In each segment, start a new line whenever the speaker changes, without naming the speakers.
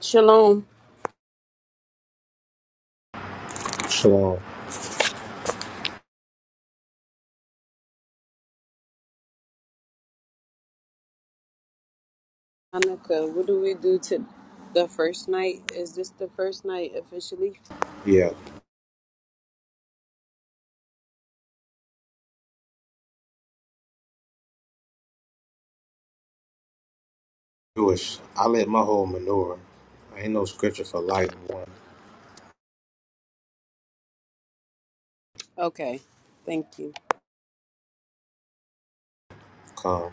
Shalom,
Shalom.
Hanukkah. What do we do to the first night? Is this the first night officially?
Yeah, Jewish. I let my whole manure. I ain't no scripture for life one
Okay, thank you.
come.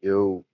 Yo.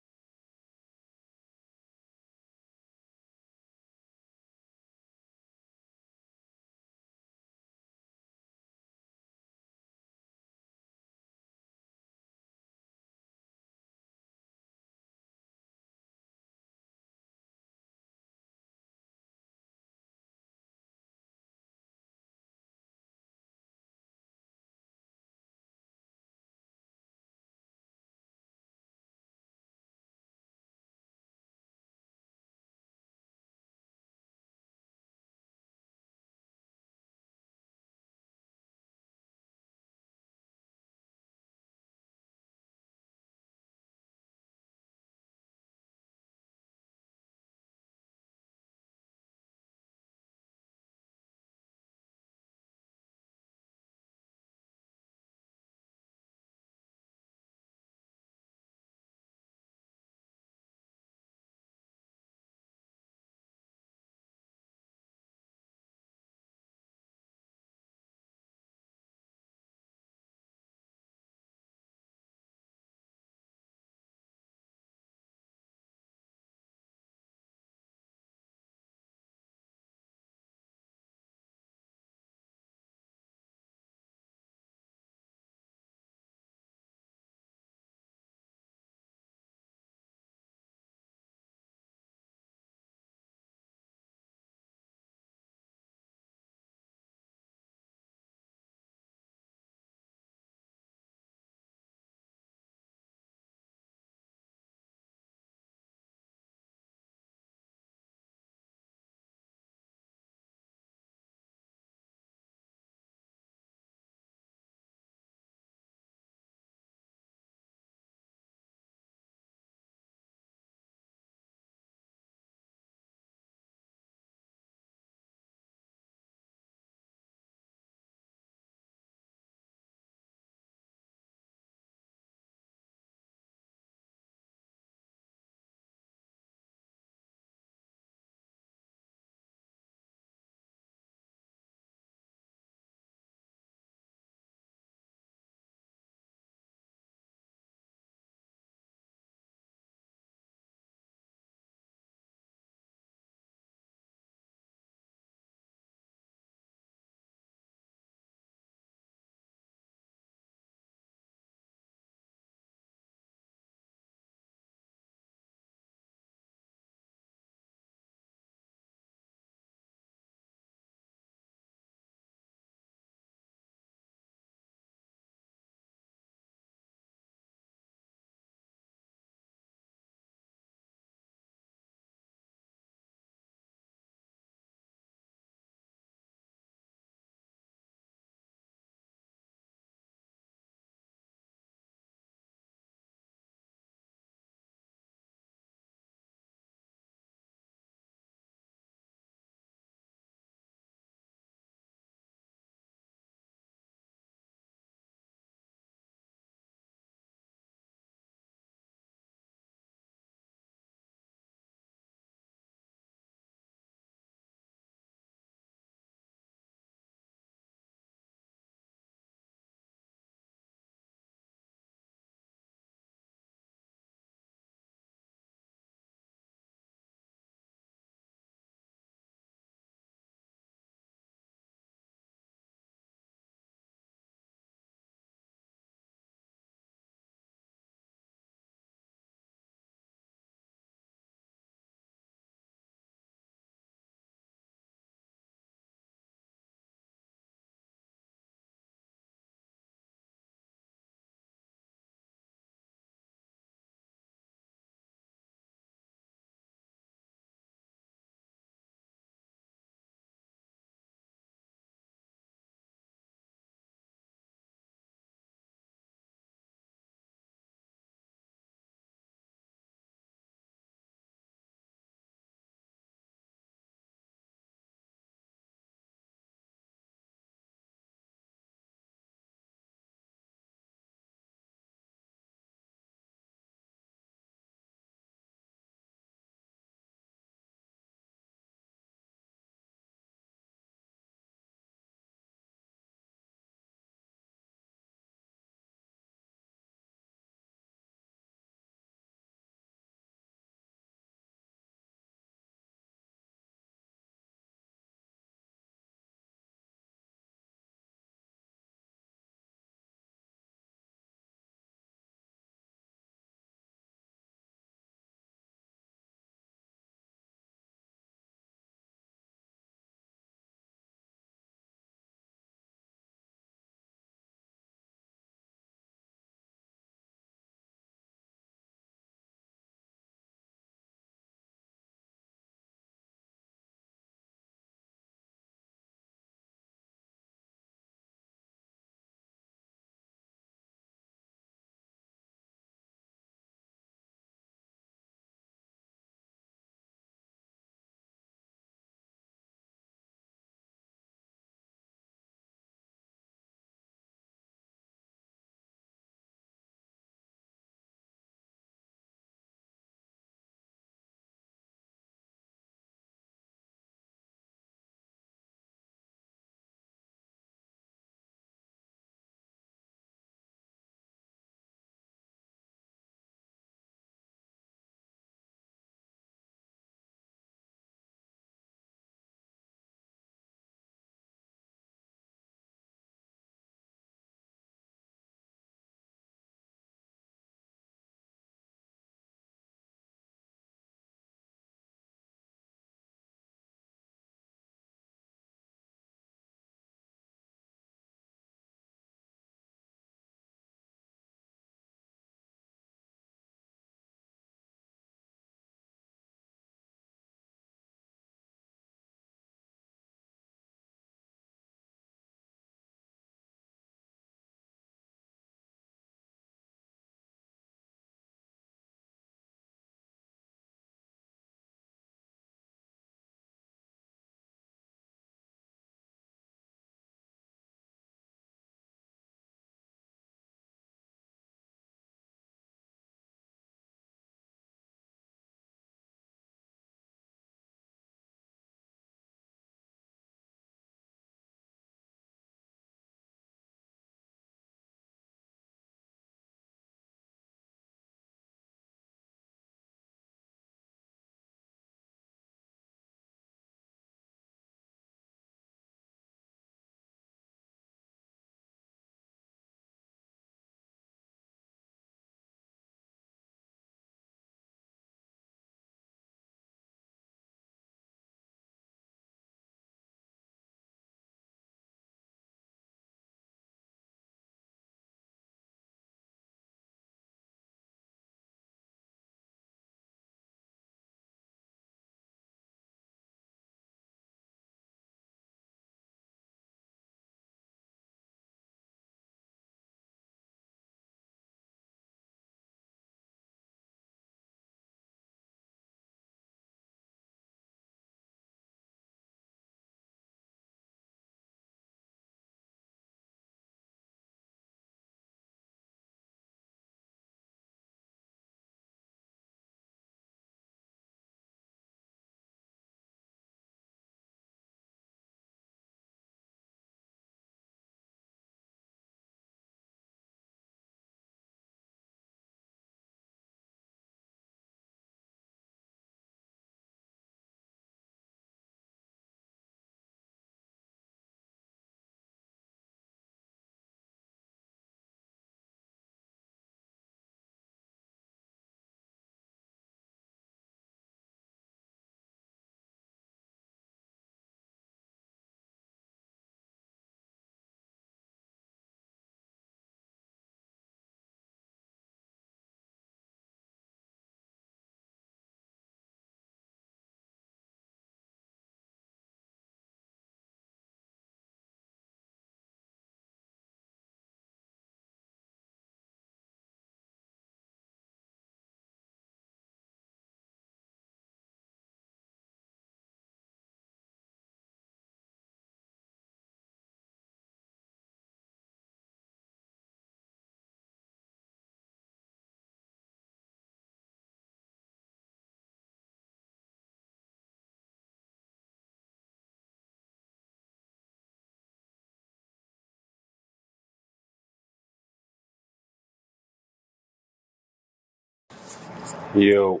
Yo.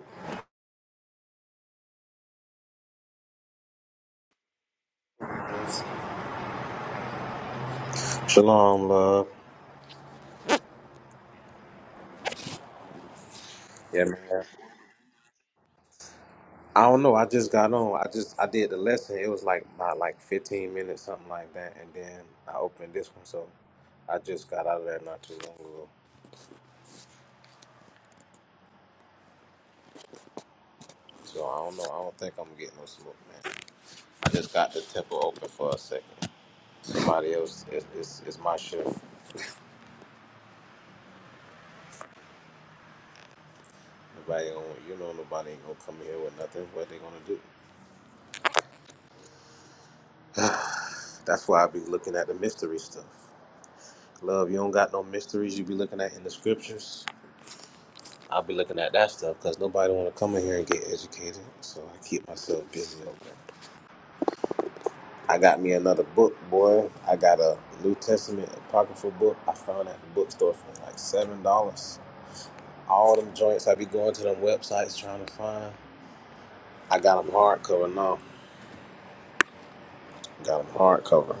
What it do?
Shalom, love. Yeah, man. I don't know. I just got on. I just I did the lesson. It was like about like 15 minutes, something like that. And then I opened this one, so I just got out of there not too long ago. So I don't know. I don't think I'm getting no smoke, man. I just got the temple open for a second. Somebody else, it's, it's, it's my shift. Nobody gonna, you know, nobody ain't gonna come here with nothing. What they gonna do? That's why I be looking at the mystery stuff. Love, you don't got no mysteries you be looking at in the scriptures. I'll be looking at that stuff because nobody want to come in here and get educated. So I keep myself busy over there. I got me another book, boy. I got a New Testament apocryphal book. I found at the bookstore for like seven dollars. All them joints I be going to them websites trying to find. I got them hardcover now. Got them hardcover.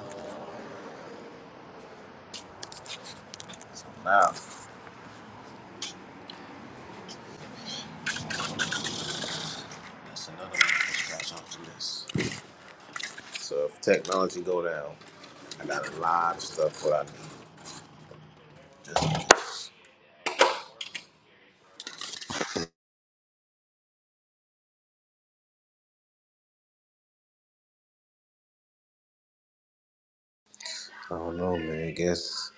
Now that's another one to scratch off the list. So if technology go down, I got a lot of stuff what I need. Just I don't know, man. I guess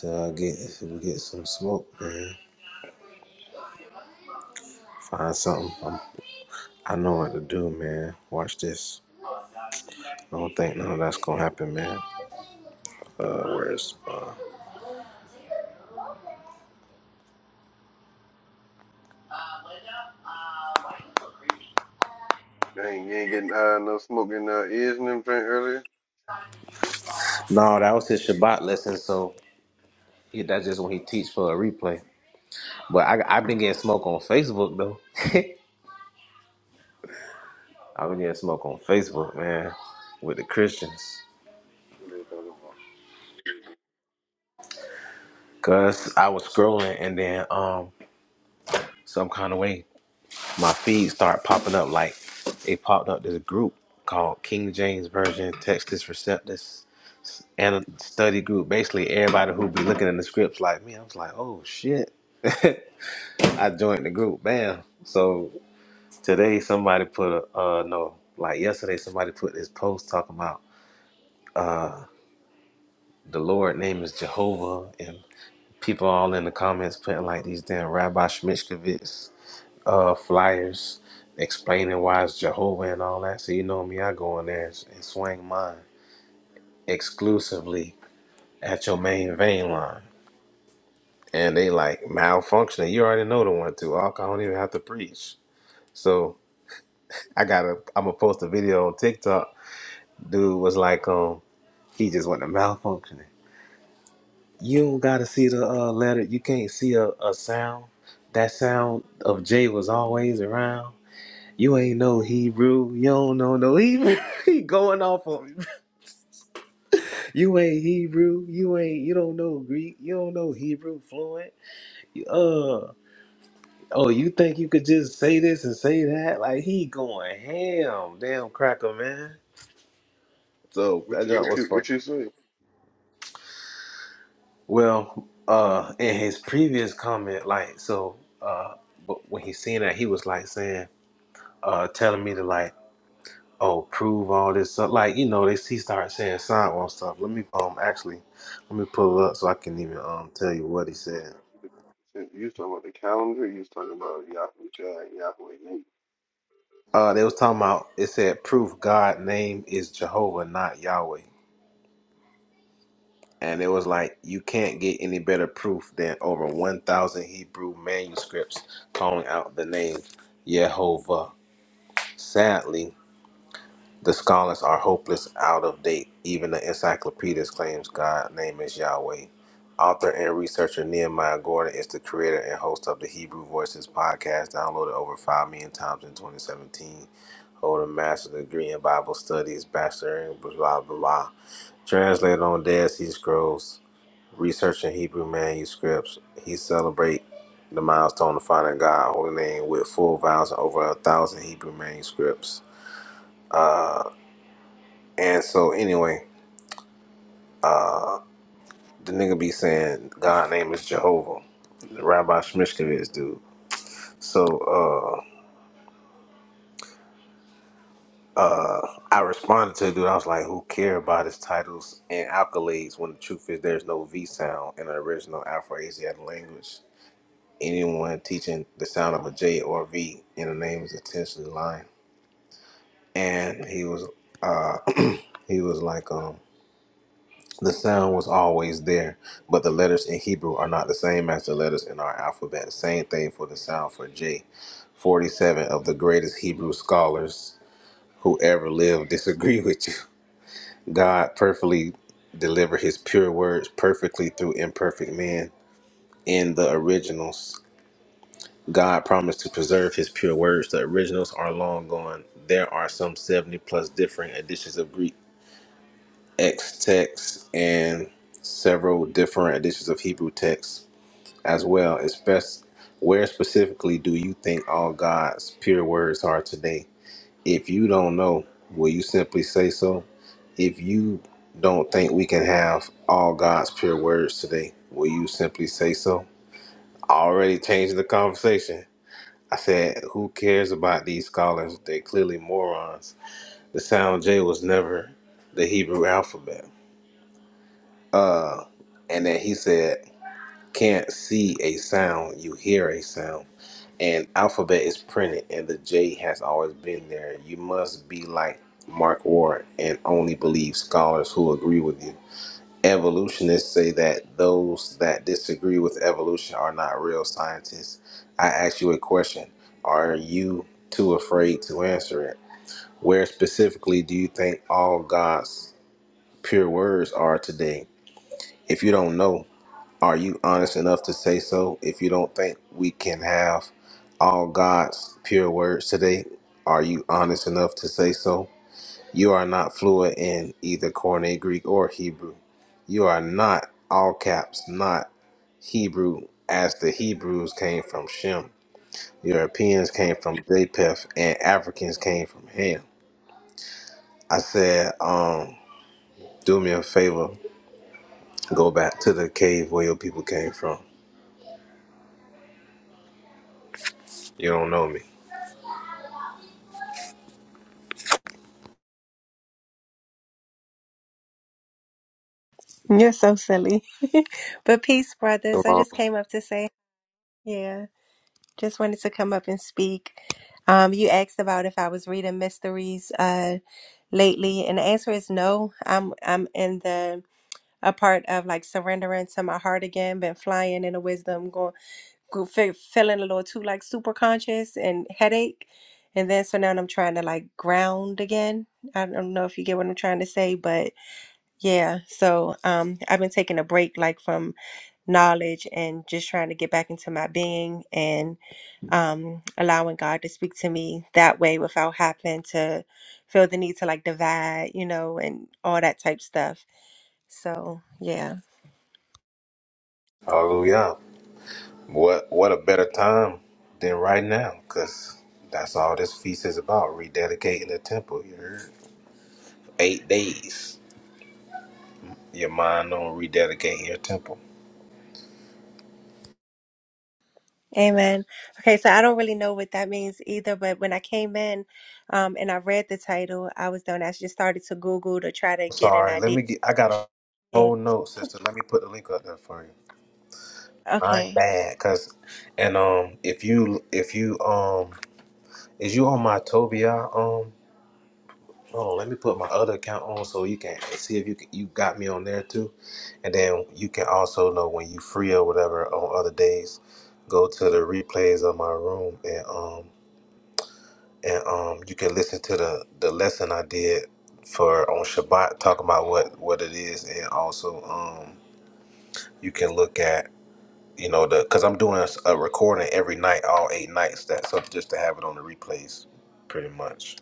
till I get if we get some smoke, man. Find something. I'm, I know what to do, man. Watch this. I don't think none of that's gonna happen, man. Uh, where's uh?
Dang, you ain't getting uh, no smoke in uh, ears and everything earlier?
No, that was his Shabbat lesson. So he, that's just when he teach for a replay. But I I've been getting smoke on Facebook though. I've been getting smoke on Facebook, man, with the Christians.
What are you talking about?
Cause I was scrolling and then um some kind of way my feed started popping up like it popped up this group called King James Version Textus Receptus and a study group. Basically everybody who be looking in the scripts like me, I was like, oh shit. I joined the group, bam. So today somebody put a uh no, like yesterday somebody put this post talking about uh the Lord name is Jehovah and people all in the comments putting like these damn Rabbi Shmishkovitz uh flyers explaining why it's Jehovah and all that. So you know me, I go in there and, swing mine exclusively at your main vein line. And they like malfunctioning. You already know the one too. I don't even have to preach. So I gotta I'ma post a video on TikTok. Dude was like, um, he just went to malfunctioning. You don't gotta see the uh, letter. You can't see a, a sound. That sound of J was always around. You ain't no Hebrew. You don't know no Hebrew. he going off on me. You ain't Hebrew. You ain't. You don't know Greek. You don't know Hebrew fluent. Uh. Oh, you think you could just say this and say that? Like he going ham. Damn cracker man. So
What
that
you,
job
what you,
was funny.
what you say?
Well, uh, in his previous comment, like so, uh, but when he seen that, he was like saying, uh, telling me to like. oh, prove all this stuff. Like, you know, they he started saying sidewalk stuff. Let me um actually let me pull up so I can even um tell you what he said.
You was talking about the calendar? You was talking about Yahweh Shai, Yahweh Nate.
Uh they was talking about it said proof God name is Jehovah, not Yahweh. And it was like you can't get any better proof than over one thousand Hebrew manuscripts calling out the name Yehovah. Sadly, The scholars are hopeless, out of date. Even the encyclopedist claims God's name is Yahweh. Author and researcher Nehemiah Gordon is the creator and host of the Hebrew Voices podcast, downloaded over 5 million times in 2017. Hold a master's degree in Bible studies, bachelor in blah, blah, blah. Translated on Dead Sea Scrolls, researching Hebrew manuscripts. He celebrate the milestone of finding God, holy name, with full vows in over a thousand Hebrew manuscripts Uh. And so anyway, uh, the nigga be saying God name is Jehovah. the Rabbi Shmishkovich dude. So uh uh I responded to the dude, I was like, Who care about his titles and accolades when the truth is there's no V sound in the original Afro Asiatic language. Anyone teaching the sound of a J or a V in a name is intentionally lying. And he was uh he was like um. The sound was always there, but the letters in Hebrew are not the same as the letters in our alphabet. Same thing for the sound for J. 47 of the greatest Hebrew scholars who ever lived disagree with you. God perfectly delivered his pure words perfectly through imperfect men in the originals. God promised to preserve his pure words. The originals are long gone. There are some 70 plus different editions of Greek Ex texts and several different editions of Hebrew texts as well. It's best where specifically do you think all God's pure words are today? If you don't know, will you simply say so? If you don't think we can have all God's pure words today, will you simply say so? Already changing the conversation. I said, who cares about these scholars? They're clearly morons. The sound J was never the Hebrew alphabet. Uh, and then he said, "Can't see a sound, you hear a sound." And alphabet is printed, and the J has always been there. You must be like Mark Ward and only believe scholars who agree with you. Evolutionists say that those that disagree with evolution are not real scientists. I ask you a question: Are you too afraid to answer it? Where specifically do you think all God's pure words are today? If you don't know, are you honest enough to say so? If you don't think we can have all God's pure words today, are you honest enough to say so? You are not fluent in either Koine Greek or Hebrew. You are not, all caps, not Hebrew as the Hebrews came from Shem. Europeans came from Japheth and Africans came from Ham. I said, um, do me a favor, go back to the cave where your people came from. You don't know me.
You're so silly. but peace, brothers. I
So,
just came up to say, yeah, just wanted to come up and speak. Um, you asked about if I was reading mysteries uh lately, and the answer is no. I'm I'm in the a part of like surrendering to my heart again, been flying in the wisdom, going go, fe- feeling a little too like super conscious and headache. And then so now I'm trying to like ground again. I don't know if you get what I'm trying to say, but yeah. So um I've been taking a break like from knowledge and just trying to get back into my being and um, allowing God to speak to me that way without having to feel the need to like divide, you know, and all that type stuff. So, yeah.
Hallelujah. What what a better time than right now, because that's all this feast is about, rededicating the temple. You heard? Eight days. Your mind on rededicating your temple.
Amen. Okay, so I don't really know what that means either, but when I came in um, and I read the title, I was doing, I just started to Google to try to get an
Sorry, let
idea.
me get I got a
Yeah.
whole note, sister. Let me put the link up there for you. I ain't
Okay.
bad, cause and um if you if you um is you on my Tobia um Oh, let me put my other account on so you can see if you can, you got me on there too, and then you can also know when you free or whatever on other days. Go to the replays of my room and um and um you can listen to the the lesson I did for on Shabbat talking about what what it is and also um you can look at you know the because I'm doing a, s- a recording every night all eight nights that so just to have it on the replays pretty much.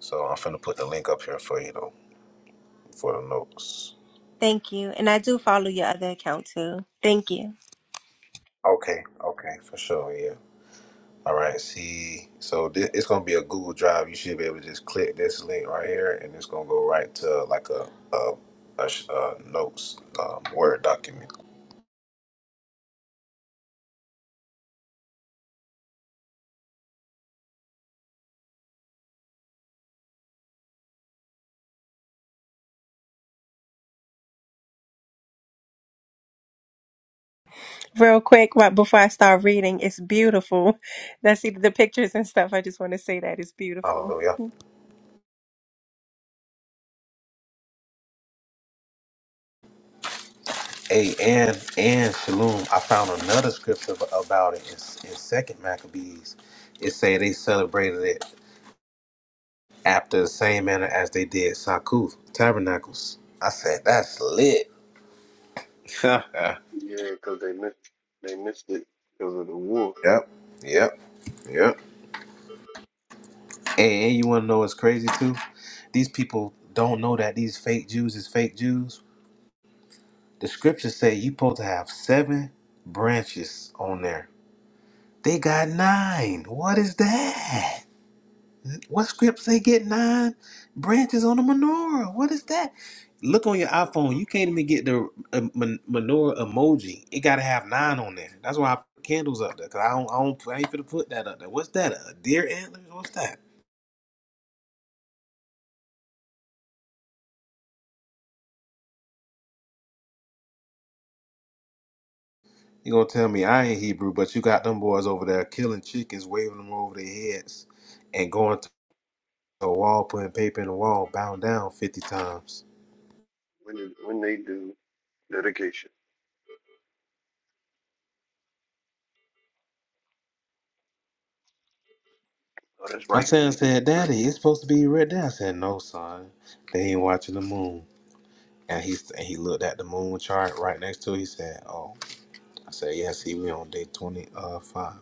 So I'm finna put the link up here for you though for the notes.
Thank you. And I do follow your other account too. Thank you.
Okay, okay, for sure, yeah. All right, see, so this, it's gonna be a Google Drive. You should be able to just click this link right here, and it's gonna go right to like a a, a, sh- a notes um, Word document.
Real quick, right before I start reading, it's beautiful. That's the the pictures and stuff. I just want to say that it's beautiful.
Hallelujah. Hey, and and Shalom, I found another scripture ab- about it in, in Second Maccabees. It say they celebrated it after the same manner as they did Sakuth Tabernacles. I said that's lit.
Yeah, 'cause they missed, they missed it 'cause of the war.
Yep, yep. Yep. And, and you want to know what's crazy too? These people don't know that these fake Jews is fake Jews. The scriptures say you supposed to have seven branches on there. They got nine. What is that? What scripts they get nine branches on the menorah? What is that? Look on your
Mm-mm-mm.
iPhone. You can't even get the uh, men- menorah emoji. It gotta have nine on there. That's why I put candles up there. Cause I don't, I don't, I ain't finna put that up there. What's that? A deer antlers? What's that? You gonna tell me I ain't Hebrew, but you got them boys over there killing chickens, waving them over their heads, and going to the wall, putting paper in the wall, bowing down fifty times.
When, did, when they do dedication. Oh, that's
My
right, 'cause
son
they do
said,
this.
"Daddy, it's supposed to be right there." I said, "No, son, they ain't watching the moon." And he and he looked at the moon chart right next to. it. He said, "Oh," I said, "Yeah, see, we on day twenty uh 5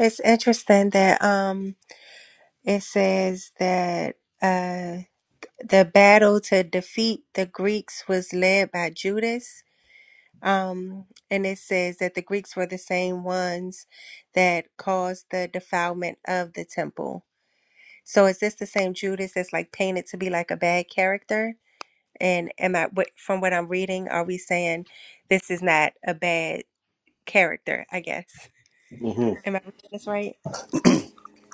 It's interesting that um it says that uh the battle to defeat the Greeks was led by Judas. Um, and it says that the Greeks were the same ones that caused the defilement of the temple. So is this the same Judas that's like painted to be like a bad character? And am I what- from what I'm reading, are we saying this is not a bad character? I guess.
Mm-hmm.
Am I reading this right?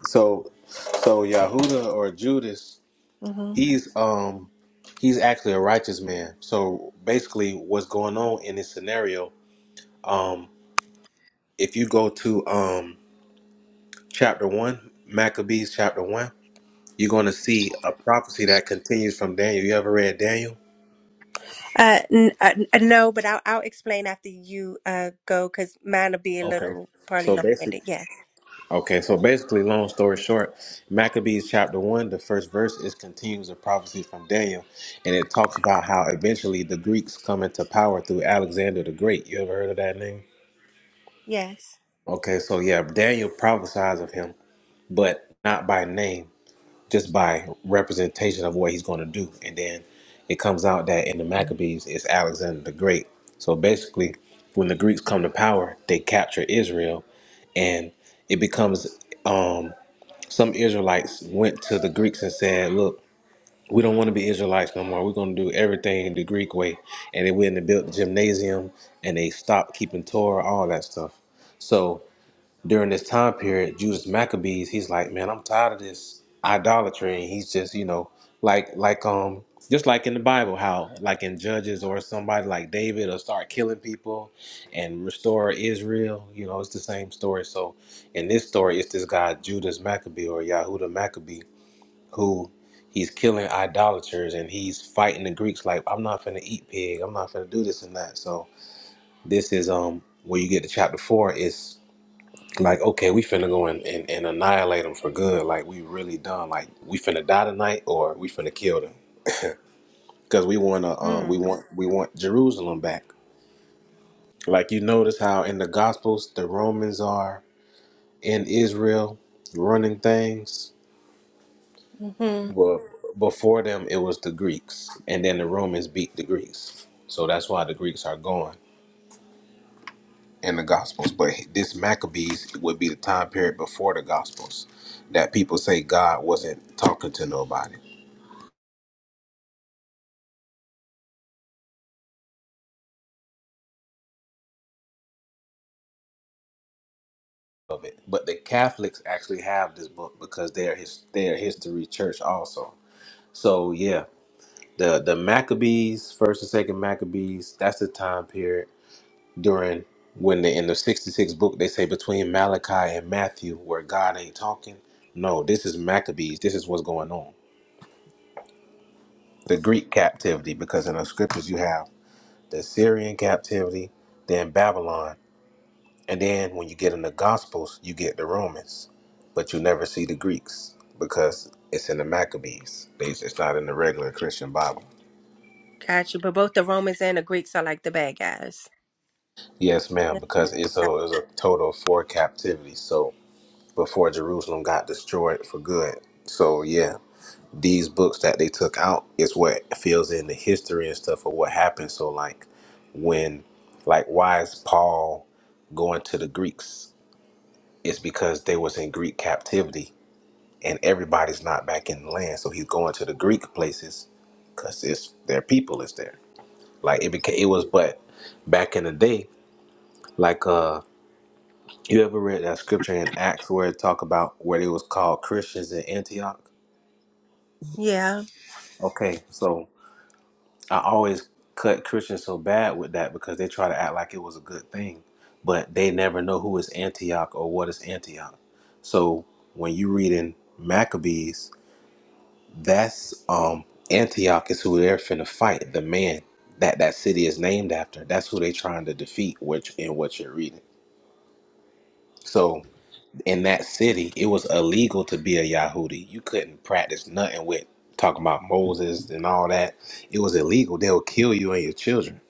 So, so Yahuda or Judas,
Mm-hmm.
he's um he's actually a righteous man. So basically, what's going on in this scenario? Um, if you go to um, chapter one, Maccabees chapter one, you're going to see a prophecy that continues from Daniel. You ever read Daniel?
Uh, n- uh, n- uh, no, but I'll, I'll explain after you uh go because mine will be a
Okay.
little probably
So
long winded.
basically,
Yes.
okay. So basically, long story short, Maccabees chapter one, the first verse is continues a prophecy from Daniel, and it talks about how eventually the Greeks come into power through Alexander the Great. You ever heard of that name?
Yes.
Okay, so yeah, Daniel prophesies of him, but not by name. just by representation of what he's going to do. And then it comes out that in the Maccabees, it's Alexander the Great. So basically, when the Greeks come to power, they capture Israel, and it becomes um, some Israelites went to the Greeks and said, "Look, we don't want to be Israelites no more. We're going to do everything the Greek way." And they went and built the gymnasium, and they stopped keeping Torah, all that stuff. So during this time period, Judas Maccabees, he's like, man, I'm tired of this idolatry, and he's just, you know, like like um just like in the Bible, how like in Judges or somebody like David will start killing people and restore Israel, you know, it's the same story. So in this story, it's this guy Judas Maccabee or Yahuda Maccabee who he's killing idolaters and he's fighting the Greeks like I'm not gonna eat pig, I'm not gonna do this and that. So this is um where you get to chapter four is like, okay, we finna go and, and, and annihilate them for good. Like, we really done. Like, we finna die tonight, or we finna kill them because we wanna um we
Mm.
want we want Jerusalem back. Like, you notice how in the Gospels the Romans are in Israel running things. Well, before them it was the Greeks, and then the Romans beat the Greeks. So that's why the Greeks are going in the Gospels. But this Maccabees would be the time period before the Gospels that people say God wasn't talking to nobody. but the Catholics actually have this book because they're his they're a history church also. So yeah, the the Maccabees, first and second Maccabees, that's the time period during when they in the 66 book they say between Malachi and Matthew where God ain't talking. No, this is Maccabees. This is what's going on. The Greek captivity because in the scriptures you have the Syrian captivity, then Babylon And then when you get in the Gospels, you get the Romans, but you never see the Greeks because it's in the Maccabees. They- It's not in the regular Christian Bible.
Got you. But both the Romans and the Greeks are like the bad guys.
Yes, ma'am,
Yeah.
because it's a, it's a total of four captivities. So before Jerusalem got destroyed for good. So yeah, these books that they took out is what fills in the history and stuff of what happened. So like when, like why is Paul going to the Greeks? It's because they was in Greek captivity and everybody's not back in the land. So he's going to the Greek places because it's their people is there. Like it became, it was, but back in the day, like uh, you ever read that scripture in Acts where it talk about where they was called Christians in Antioch?
Yeah.
Okay, so I always cut Christians so bad with that because they try to act like it was a good thing, but they never know who is Antioch or what is Antioch. So when you read in Maccabees That's um Antioch is who they're finna fight. The man that that city is named after. That's who they trying to defeat. Which in what you're reading. So in that city, it was illegal to be a Yahudi. You couldn't practice nothing with talking about Moses and all that. It was illegal. They'll kill you and your children.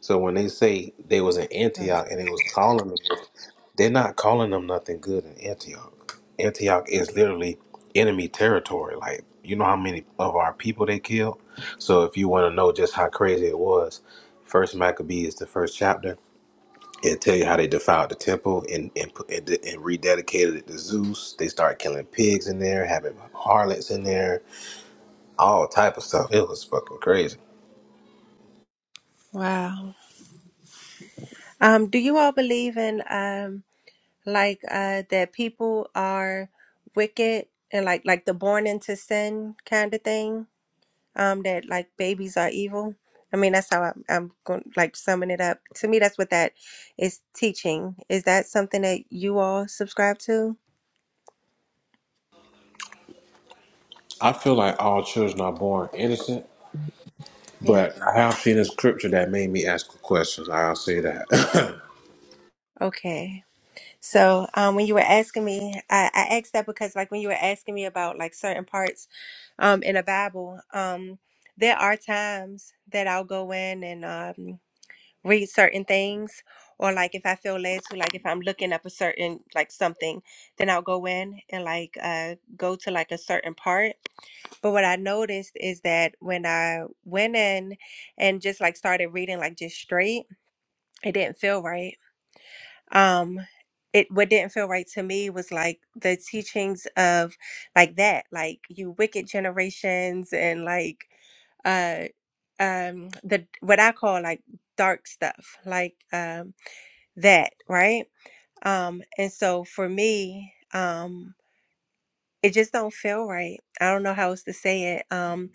So when they say they was in
Mm.
Antioch and they was calling them, they're not calling them nothing good in Antioch. Antioch is literally enemy territory. Like, you know how many of our people they killed? So if you want to know just how crazy it was, First Maccabees, the first chapter, it tell you how they defiled the temple and and, put- and and rededicated it to Zeus. They started killing pigs in there, having harlots in there, all type of stuff. It was fucking crazy.
Wow. Um, do you all believe in um like uh that people are wicked and like like the born into sin kind of thing? um that like babies are evil i mean that's how i'm, I'm going like summing it up to me that's what that is teaching is that something that you all subscribe to
I feel like all children are born innocent,
yeah
but I have seen a scripture that made me ask questions. I'll say that.
okay so um when you were asking me i, I asked that because like when you were asking me about like certain parts um in the bible um there are times that i'll go in and um read certain things or like if I feel led to like if I'm looking up a certain like something, then I'll go in and like uh go to like a certain part. But what I noticed is that when I went in and just like started reading like just straight, it didn't feel right um it what didn't feel right to me was like the teachings of like that like you wicked generations and like uh um the what i call like dark stuff like um that right um and so for me um it just don't feel right i don't know how else to say it um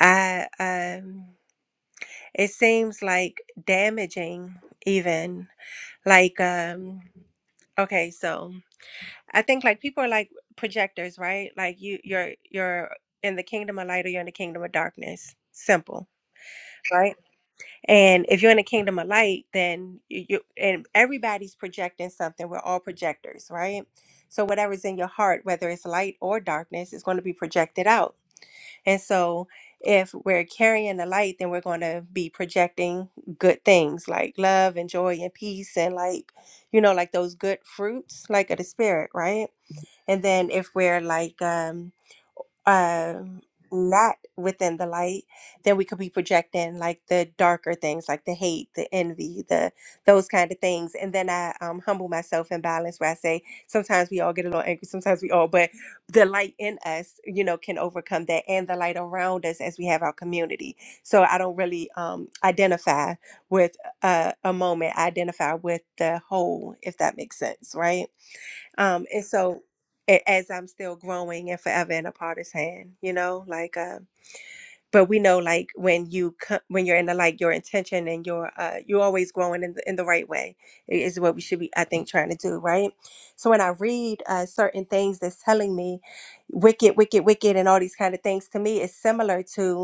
i um it seems like damaging even like um okay so I think like people are like projectors, right? Like you you're you're in the kingdom of light or you're in the kingdom of darkness. Simple, right? And if you're in the kingdom of light, then you, you and everybody's projecting something. We're all projectors, right? So whatever's in your heart, whether it's light or darkness, is going to be projected out. And so if we're carrying the light, then we're going to be projecting good things like love and joy and peace and like you know like those good fruits like of the spirit, right? And then if we're like um um not within the light, then we could be projecting like the darker things, like the hate, the envy, the those kind of things. And then I um humble myself and balance where I say sometimes we all get a little angry, sometimes we all, but the light in us, you know, can overcome that and the light around us as we have our community. So I don't really um identify with a, a moment. I identify with the whole, if that makes sense, right? Um, and so a- as I'm still growing and forever in a part of his hand, you know, like, uh, but we know like when you co- when you're in the like your intention and your uh you're always growing in the, in the right way i- is what we should be I think trying to do right. So when I read uh certain things that's telling me wicked wicked wicked and all these kind of things to me it's similar to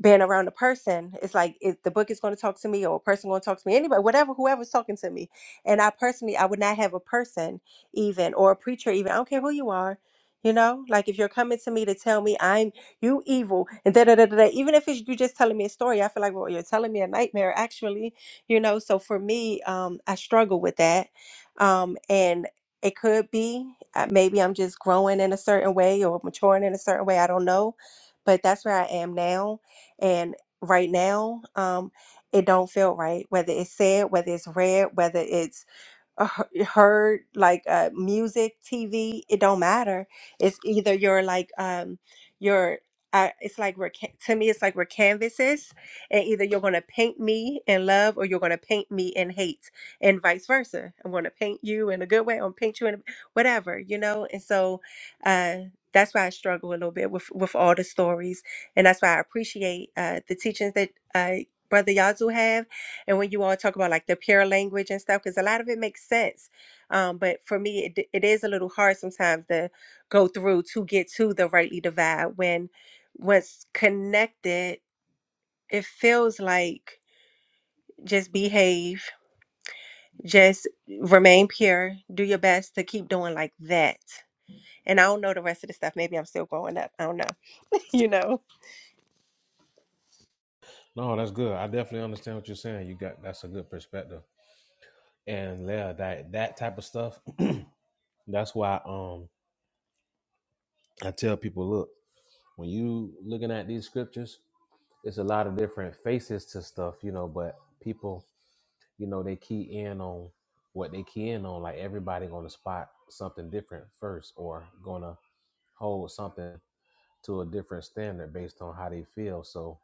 being around a person it's like if the book is going to talk to me or a person going to talk to me anybody whatever whoever's talking to me and i personally i would not have a person even or a preacher even i don't care who you are you know like if you're coming to me to tell me i'm you evil and da da da da da, even if it's you just telling me a story i feel like well you're telling me a nightmare actually you know so for me um i struggle with that um and it could be uh, maybe i'm just growing in a certain way or maturing in a certain way i don't know but that's where i am now and right now, um, it don't feel right. Whether it's said, whether it's read, whether it's uh, he- heard like uh, music tv it don't matter it's either you're like um you're uh, it's like we're ca- to me it's like we're canvases and either you're going to paint me in love or you're going to paint me in hate and vice versa i'm going to paint you in a good way I'm paint you in a, whatever you know and so uh that's why i struggle a little bit with with all the stories and that's why i appreciate uh the teachings that uh brother yazoo have and when you all talk about like the pure language and stuff because a lot of it makes sense um, but for me it, it is a little hard sometimes to go through to get to the rightly divide when what's connected it feels like just behave just remain pure do your best to keep doing like that and i don't know the rest of the stuff maybe i'm still growing up i don't know you know
Good. I definitely understand what you're saying. You got that's a good perspective. And yeah, that that type of stuff. that's why um I tell people, look, when you looking at these scriptures, it's a lot of different faces to stuff, you know, but people, you know, they key in on what they key in on. Like everybody gonna spot something different first or gonna hold something to a different standard based on how they feel. So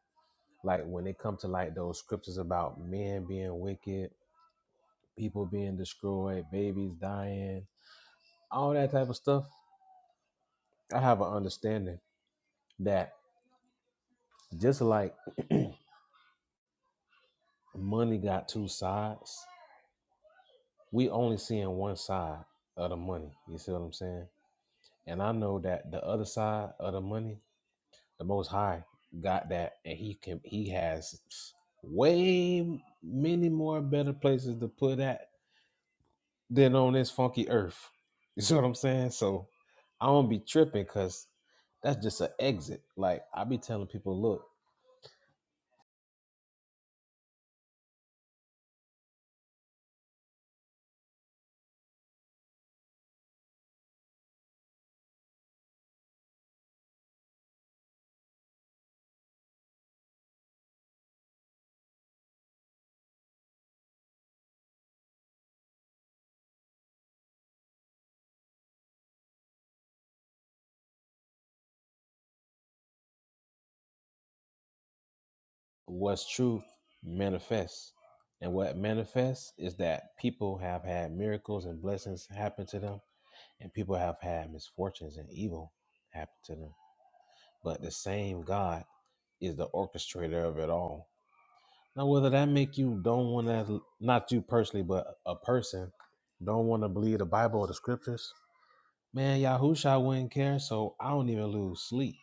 like when it comes to like those scriptures about men being wicked, people being destroyed, babies dying, all that type of stuff, I have an understanding that just like money got two sides, we only seeing one side of the money. You see what I'm saying? And I know that the other side of the money, the Most High got that, and he can he has way many more better places to put that than on this funky earth. You see what I'm saying? So I don't be tripping because that's just an exit. Like I be telling people, look, what's truth manifests. And what manifests is that people have had miracles and blessings happen to them, and people have had misfortunes and evil happen to them. but the same God is the orchestrator of it all. Now, whether that make you don't want to, not you personally, but a person don't want to believe the Bible or the scriptures, man, Yahusha wouldn't care, so I don't even lose sleep.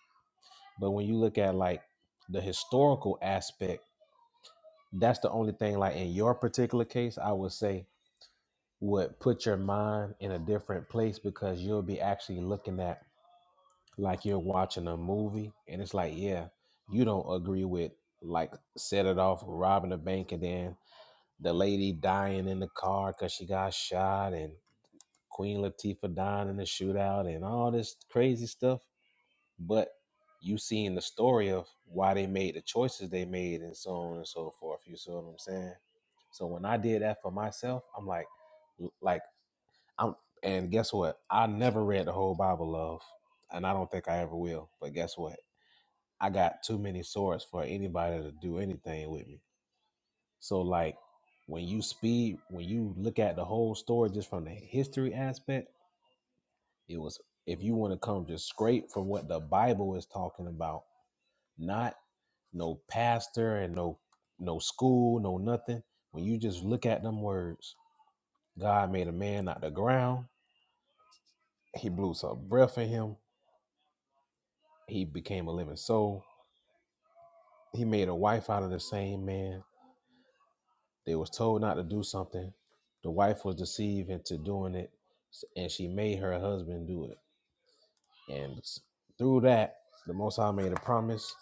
But when you look at like the historical aspect, that's the only thing. Like in your particular case, I would say would put your mind in a different place because you'll be actually looking at like you're watching a movie and it's like, yeah, you don't agree with like set it off robbing the bank and then the lady dying in the car because she got shot and Queen Latifah dying in the shootout and all this crazy stuff. But you seeing the story of why they made the choices they made and so on and so forth. You see what I'm saying? So when I did that for myself, I'm like, like I'm, and guess what? I never read the whole Bible, love, and I don't think I ever will. But guess what? I got too many swords for anybody to do anything with me. So like when you speed, when you look at the whole story just from the history aspect, it was if you want to come just straight from what the Bible is talking about, not no pastor and no no school, no nothing. When you just look at them words, God made a man out of the ground. He blew some breath in him. He became a living soul. He made a wife out of the same man They was told not to do something. The wife was deceived into doing it, and she made her husband do it. And s- through that, the Most High made a promise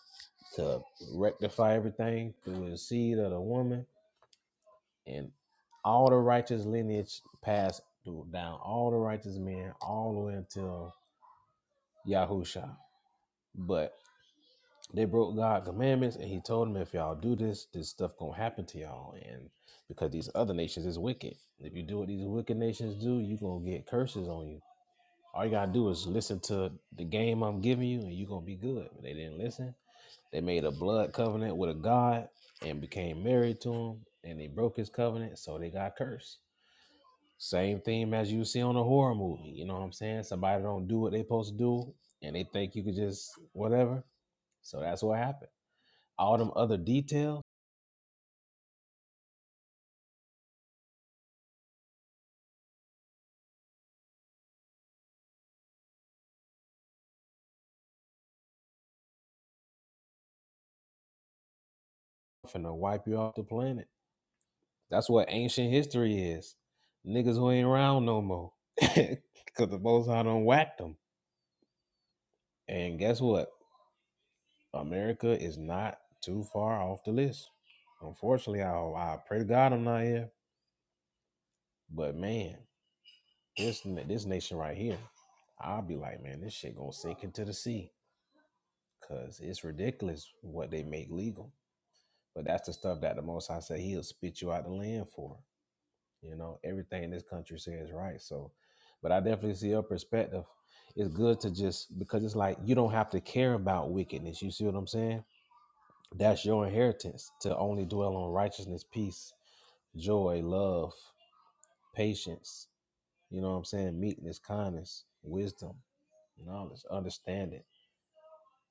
to rectify everything through the seed of the woman, and all the righteous lineage passed through down all the righteous men all the way until Yahusha. But They broke God's commandments, and He told them, if y'all do this, this stuff gonna happen to y'all. And because these other nations is wicked, if you do what these wicked nations do, you gonna get curses on you. All you gotta do is listen to the game I'm giving you, and you gonna be good. But they didn't listen. They made a blood covenant with a god and became married to him, and they broke his covenant, so they got cursed. Same theme as you see on a horror movie. You know what I'm saying? Somebody don't do what they supposed to do, and they think you could just whatever. So that's what happened. All them other details I'm finna wipe you off the planet. That's what ancient history is. Niggas who ain't around no more. Cause the most High done whacked them. And guess what? America is not too far off the list. Unfortunately, I, I pray to God I'm not here. But man, this this nation right here, I'll be like, man, this shit gonna sink into the sea. Cause it's ridiculous what they make legal. But that's the stuff that the most High said he'll spit you out the land for. You know, everything this country says right. So, but I definitely see your perspective. It's good to just because it's like you don't have to care about wickedness. You see what I'm saying? That's your inheritance to only dwell on righteousness, peace, joy, love, patience. You know what I'm saying? Meekness, kindness, wisdom, knowledge, understanding.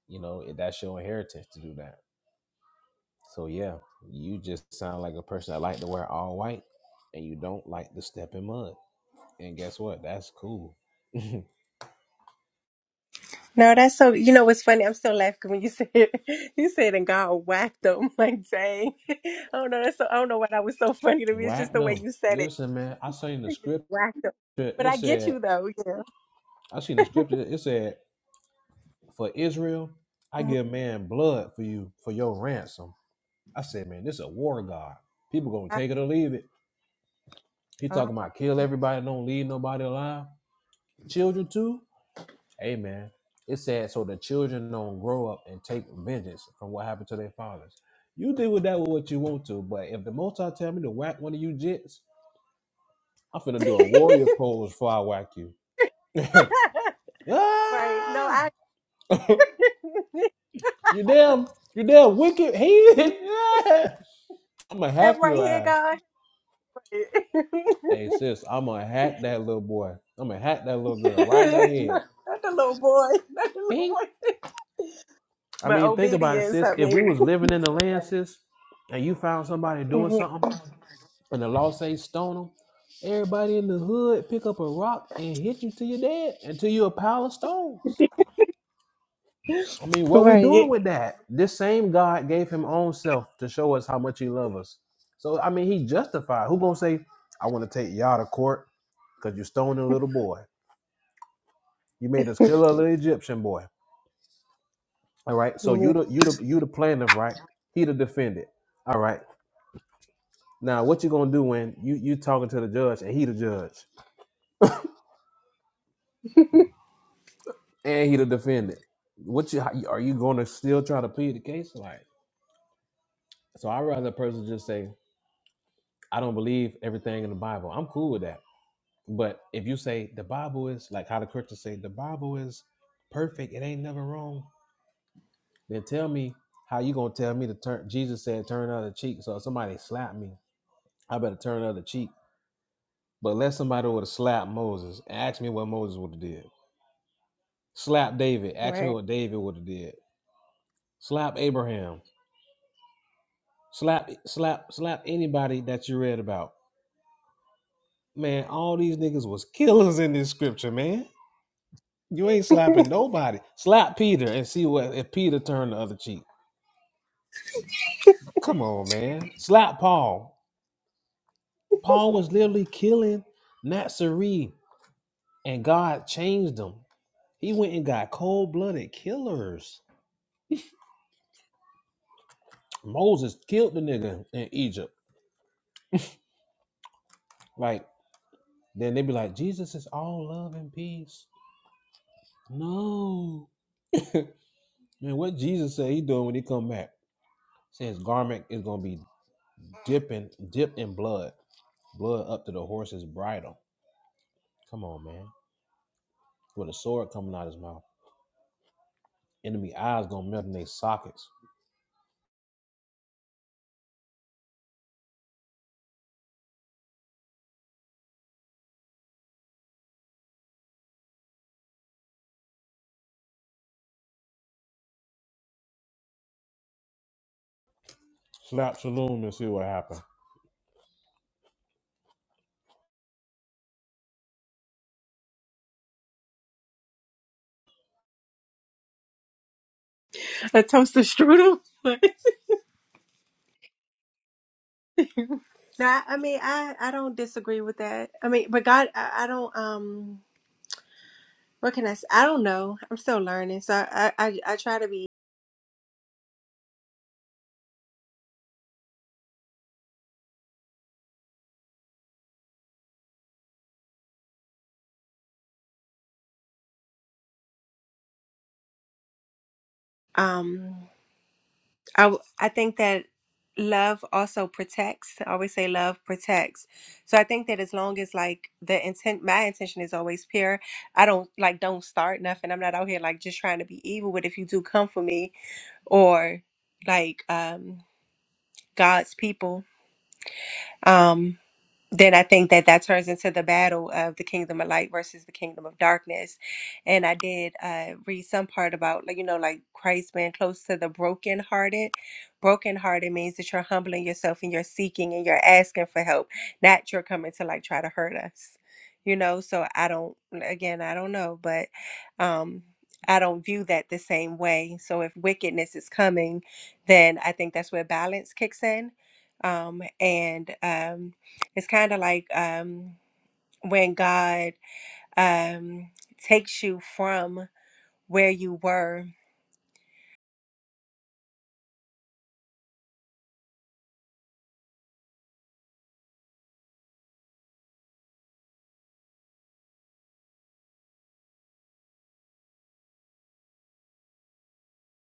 You know, that's your inheritance to do that. So yeah, you just sound like a person that like to wear all white and you don't like to step in mud. And guess what? That's cool.
No, that's so. You know what's funny? I'm still laughing when you said you said and God whacked them. Like, dang. I don't know. That's so. I don't know why that was so funny to me. It's just
Whack
the way
them.
you said it.
Listen, man, I seen the
He just
scripture.
whacked them. But
It
I get
said,
you though. Yeah.
I seen the scripture. It said, for Israel, I
Mhm.
give man blood for you, for your ransom. I said, man, this is a war god. People gonna
I-
take it or leave it. He
uh.
talking about kill everybody, don't leave nobody alive. Children too? Amen. It said, so the children don't grow up and take vengeance from what happened to their fathers. You deal with that with what you want to, but if the most I tell me to whack one of you jits, I'm finna do a warrior pose before I whack you.
right. No,
ah!
I.
You damn, you damn wicked heathen. Yeah. I'm gonna hack
That right
your
here,
ass.
God.
Hey sis, I'm gonna hack that little boy. I'm gonna hack that little girl right in her head.
Not the little boy. Not the little
Bing.
boy.
I
But
mean, think about it,
obedience.
sis.
I
If we
mean.
was living in the
So
land,
funny.
sis, and you found somebody doing
Mhm.
something, and the law say stone them, everybody in the hood pick up a rock and hit you till you're dead, until you're a pile of stones. I mean, what we
Right.
doing with that? This same God gave him own self to show us how much he loves us. So I mean, he justified. Who gonna say, I want to take y'all to court because you stoned a little boy. You made us kill a little Egyptian boy. All right. So
Yeah,
you the you the you the plaintiff, right? He the defendant. All right. Now what you gonna do when you you talking to the judge and he the judge? and he the defendant. What you how- are you going to still try to plead the case? Like, so I'd rather a person just say, I don't believe everything in the Bible. I'm cool with that. But if you say the Bible is like how the Christians say the Bible is perfect, it ain't never wrong. Then tell me how you gonna tell me to turn? Jesus said turn the other cheek. So if somebody slapped me, I better turn the other cheek. But let somebody would have slapped Moses and asked me what Moses would have did. Slap David, ask me
Right.
what David would have did. Slap Abraham, Slap, slap, slap anybody that you read about. Man, all these niggas was killers in this scripture, man. You ain't slapping nobody. Slap Peter and see what if Peter turned the other cheek. Come on, man. Slap Paul. Paul was literally killing Nazarene, and God changed him. He went and got cold blooded killers. Moses killed the nigga in Egypt. Like, then they be like, Jesus is all love and peace. No. Man, what Jesus said he doing when he come back? says garment is gonna be dipping dipped in blood, blood up to the horse's bridle. Come on, man. With a sword coming out his mouth. Enemy eyes gonna melt in their sockets. Slap saloon and see what happened.
A toaster strudel. Now, I mean, I I don't disagree with that. I mean, but God, I, I don't um. What can I say? I don't know. I'm still learning, so I I I try to be um. I w- I think that love also protects. I always say love protects. So I think that as long as like the intent, my intention is always pure. I don't like don't start nothing. I'm not out here like just trying to be evil. But if you do come for me or like um God's people, um, then I think that that turns into the battle of the kingdom of light versus the kingdom of darkness. And I did uh, read some part about, like, you know, like Christ being close to the brokenhearted. Brokenhearted means that you're humbling yourself and you're seeking and you're asking for help, not you're coming to like try to hurt us, you know? So I don't, again, I don't know, but um, I don't view that the same way. So if wickedness is coming, then I think that's where balance kicks in. Um, and, um, it's kind of like um, when God um, takes you from where you were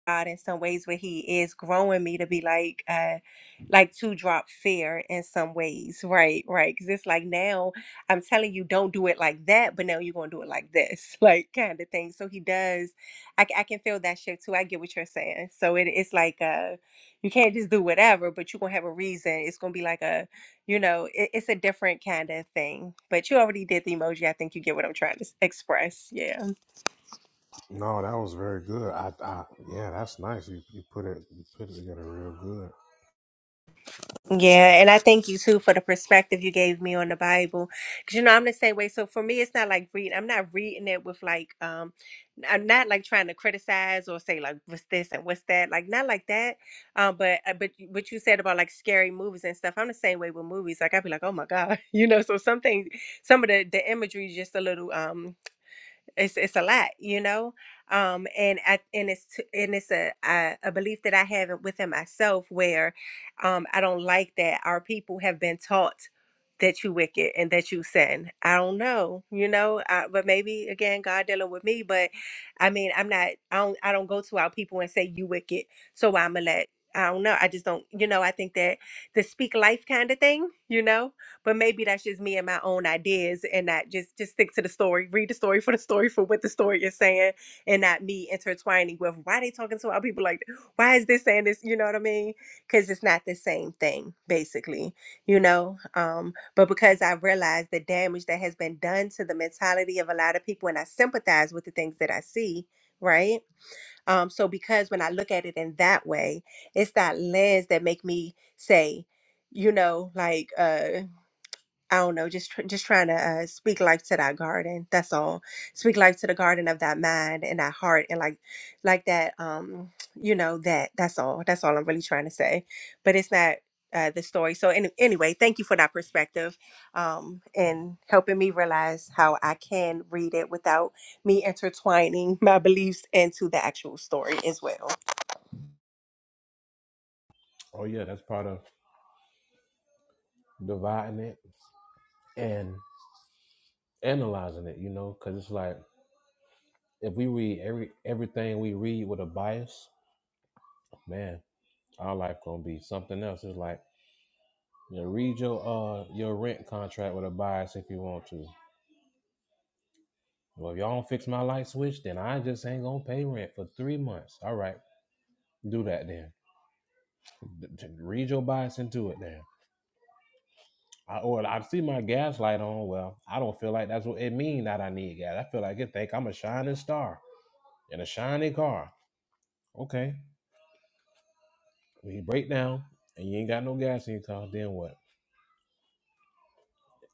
God in some ways where he is growing me to be like uh like to drop fear in some ways right right because it's like now I'm telling you don't do it like that but now you're gonna do it like this like kind of thing so he does I, c- I can feel that shift too I get what you're saying so it, it's like uh you can't just do whatever but you're gonna have a reason it's gonna be like a you know it, it's a different kind of thing but you already did the emoji I think you get what I'm trying to s- express Yeah.
No, that was very good. I, I yeah, that's nice. You, you put it you put it together real good.
Yeah, and I thank you too for the perspective you gave me on the Bible. Cause you know I'm the same way. So for me, it's not like reading. I'm not reading it with like um, I'm not like trying to criticize or say like what's this and what's that. Like not like that. Um, but uh, but you- what you said about like scary movies and stuff, I'm the same way with movies. Like I'd be like, oh my god, you know. So some things, some of the the imagery is just a little um it's it's a lot you know um and i and it's t- and it's a a, a belief that i have within myself where um i don't like that our people have been taught that you wicked and that you sin i don't know you know I, but maybe again god dealing with me but i mean i'm not i don't i don't go to our people and say you wicked so i'm gonna let i don't know i just don't you know i think that the speak life kind of thing you know but maybe that's just me and my own ideas and not just just stick to the story read the story for the story for what the story is saying and not me intertwining with why they talking to our people like th- why is this saying this you know what i mean because it's not the same thing basically you know um but because i realize the damage that has been done to the mentality of a lot of people and i sympathize with the things that i see right um so because when i look at it in that way it's that lens that make me say you know like uh I don't know, just tr- just trying to uh, speak life to that garden. That's all. Speak life to the garden of that mind and that heart and like like that um you know that that's all. That's all I'm really trying to say. But it's not uh, the story. So any- anyway, thank you for that perspective um and helping me realize how I can read it without me intertwining my beliefs into the actual story as well.
Oh yeah, that's part of dividing it and analyzing it, you know, because it's like if we read every everything we read with a bias, man, our life gonna be something else. It's like Yeah, read your uh your rent contract with a bias if you want to. Well, if y'all don't fix my light switch, then I just ain't gonna pay rent for three months. All right, do that then. D- d- Read your bias into it then. I, or I see my gas light on. Well, I don't feel like that's what it means that I need gas. I feel like it think I'm a shining star in a shiny car. Okay, when you break down and you ain't got no gas in your car, then what?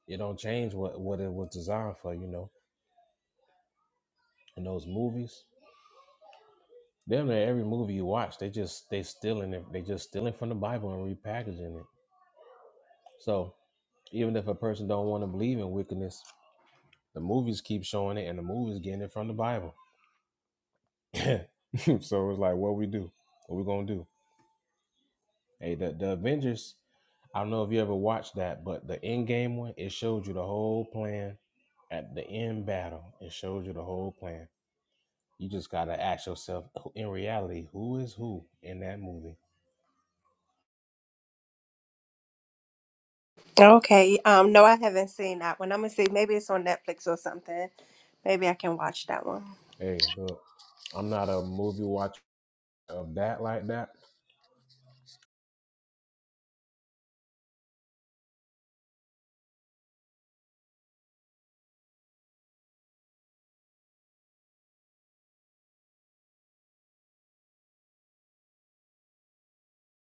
It don't change what what it was designed for, you know. In those movies, Damn near every movie you watch, they just they stealing it. They just stealing from the Bible and repackaging it. So even if a person don't want to believe in wickedness, the movies keep showing it, and the movies getting it from the Bible. so it's like, what we do? What we gonna do? Hey, the the Avengers. I don't know if you ever watched that, but the end game one, it showed you the whole plan at the end battle. It showed you the whole plan. You just gotta ask yourself, in reality, who is who in that movie?
Okay. Um, no, I haven't seen that one. I'm gonna see. Maybe it's on Netflix or something. Maybe I can watch that one.
Hey, look, I'm not a movie watcher of that like that.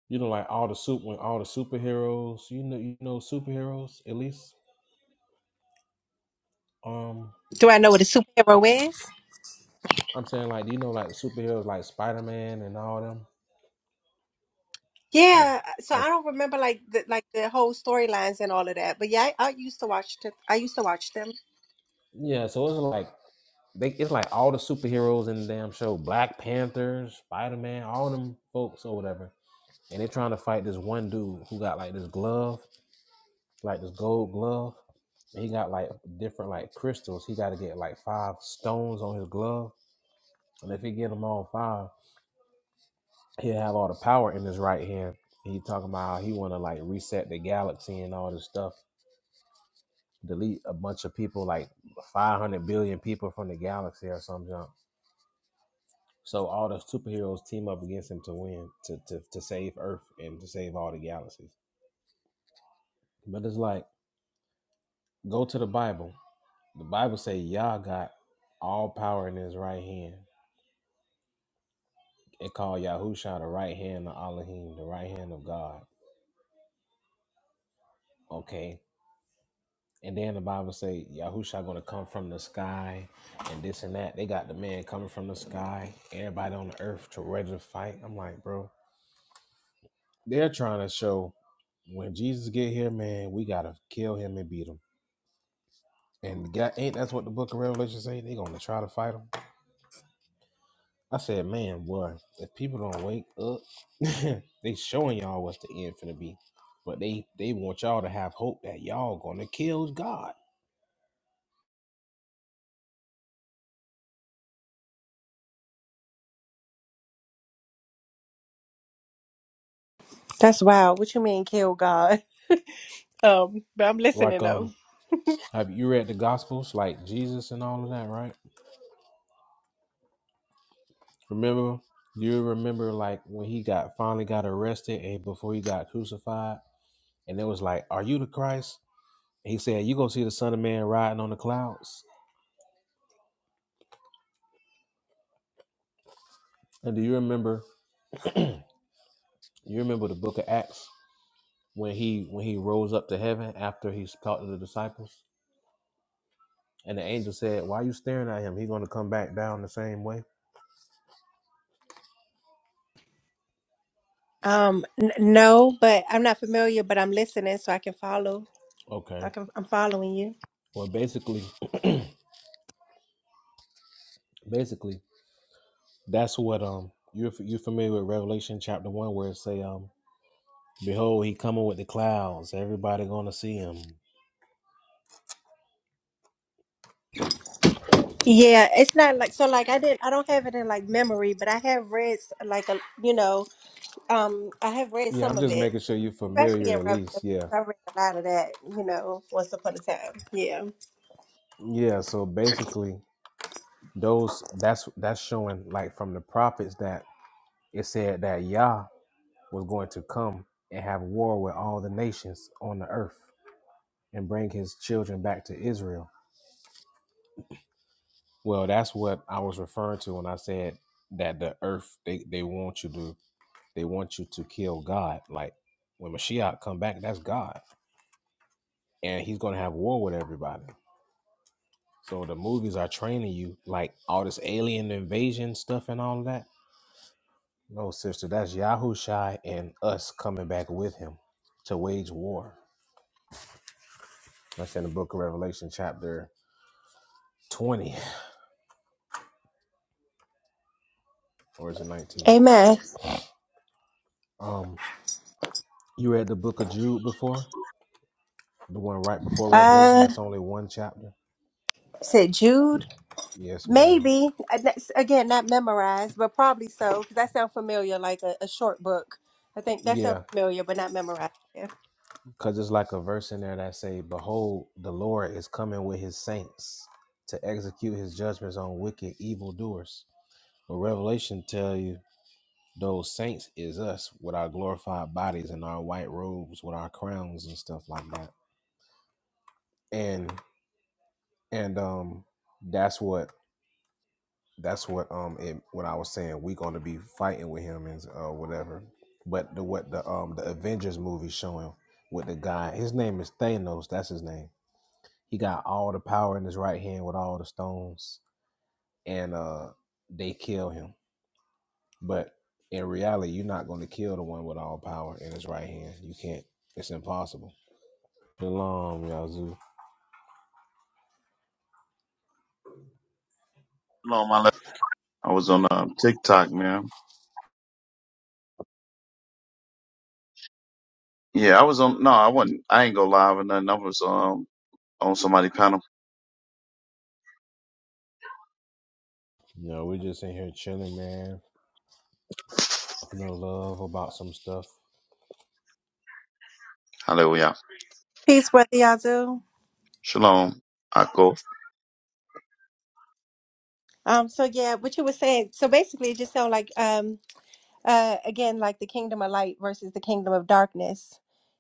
You know, like all the soup when all the superheroes. You know, you know superheroes at least. Um,
Do I know what a superhero is?
I'm saying like do you know like superheroes like Spider Man and all them. Like,
Yeah, so I
oh
don't remember like the like the whole storylines and all of that, but yeah, I, I used to watch them. I used to watch them.
yeah. So it's like They it's like all the superheroes in the damn show, Black Panther, Spider Man, all them folks or whatever, and they're trying to fight this one dude who got like this glove, like this gold glove. and He got like different like crystals. He got to get like five stones on his glove, and if he get them all five, he'll have all the power in his right hand. And he talking about how he want to like reset the galaxy and all this stuff, delete a bunch of people like 500 billion people from the galaxy or something. So all the superheroes team up against him to win, to, to, to save Earth and to save all the galaxies. But it's like, go to the Bible. The Bible say Yah got all power in his right hand. It called Yahusha the right hand of Elohim, the right hand of God. Okay. And then the Bible say Yahusha gonna come from the sky and this and that. They got the man coming from the sky, everybody on the earth to ready to fight. I'm like, bro, they're trying to show when Jesus get here, man, we gotta kill him and beat him And God, ain't that's what the book of Revelation say? They gonna try to fight them. I said, man, boy, if people don't wake up, they showing y'all what's the end finna be. But they they want y'all to have hope that y'all gonna kill God.
That's wild. What you mean, kill God? Um, but I'm listening
Like
though.
um, have you read the Gospels, like Jesus and all of that, right? Remember, you remember like when he got finally got arrested and before he got crucified. and they was like, "Are you the Christ?" And he said, "You gonna see the Son of Man riding on the clouds." And do you remember? You remember the Book of Acts when he when he rose up to heaven after he talked to the disciples, and the angel said, "Why are you staring at him? He's gonna come back down the same way."
Um, n- no, but I'm not familiar, but I'm listening so I can follow. I
Okay.
can, I'm following you.
Well, basically, basically, that's what um you're you're familiar with Revelation chapter one where it say um behold he coming with the clouds, everybody gonna see him.
Yeah, it's not like so like I didn't I don't have it in like memory, but I have read s- like a you know, um I have read
Yeah,
some
I'm
of
just
it,
making sure you're
especially
familiar
in
at least. Yeah.
Revelation. I read a lot of that, you know, once upon a time. Yeah.
Yeah, so basically Those that's that's showing like from the prophets that it said that Yah was going to come and have war with all the nations on the earth and bring his children back to Israel. Well, that's what I was referring to when I said that the earth they, they want you to they want you to kill God. Like when Mashiach come back, that's God. And he's gonna have war with everybody. So the movies are training you, like all this alien invasion stuff and all of that No, sister, that's Yahushai and us coming back with him to wage war. That's in the book of Revelation, chapter 20, or is it 19?
Amen.
Um, You read the book of Jude before? The one right before Revelation?
Uh,
That's only one chapter?
said Jude.
Yes, ma'am.
Maybe Uh, that's- again, not memorized, but probably so because that sounds familiar, like a, a short book. I think that sounds
Yeah,
familiar, but not memorized. Yeah.
because it's like a verse in there that say, Behold, the Lord is coming with his saints to execute his judgments on wicked evildoers. But Revelation tell you Those saints is us with our glorified bodies and our white robes with our crowns and stuff like that. And and um that's what that's what um it, when I was saying we gonna be fighting with him and uh whatever. But the what the um the Avengers movie showing with the guy, his name is Thanos, that's his name. He got all the power in his right hand with all the stones and uh they kill him. But in reality, you're not going to kill the one with all power in his right hand. You can't. It's impossible. Shalom, Yazoo.
No, my left. I was on um, TikTok, man. Yeah, I was on. No, I wasn't. I ain't go live or nothing. I was um on somebody panel.
Yo, we just in here chilling, man. Talking of love about some stuff.
Hallelujah.
Peace, brother Yazoo.
Shalom. Ako.
Um. So yeah, what you were saying. So basically, it just sounds like um. Uh. Again, like the kingdom of light versus the kingdom of darkness.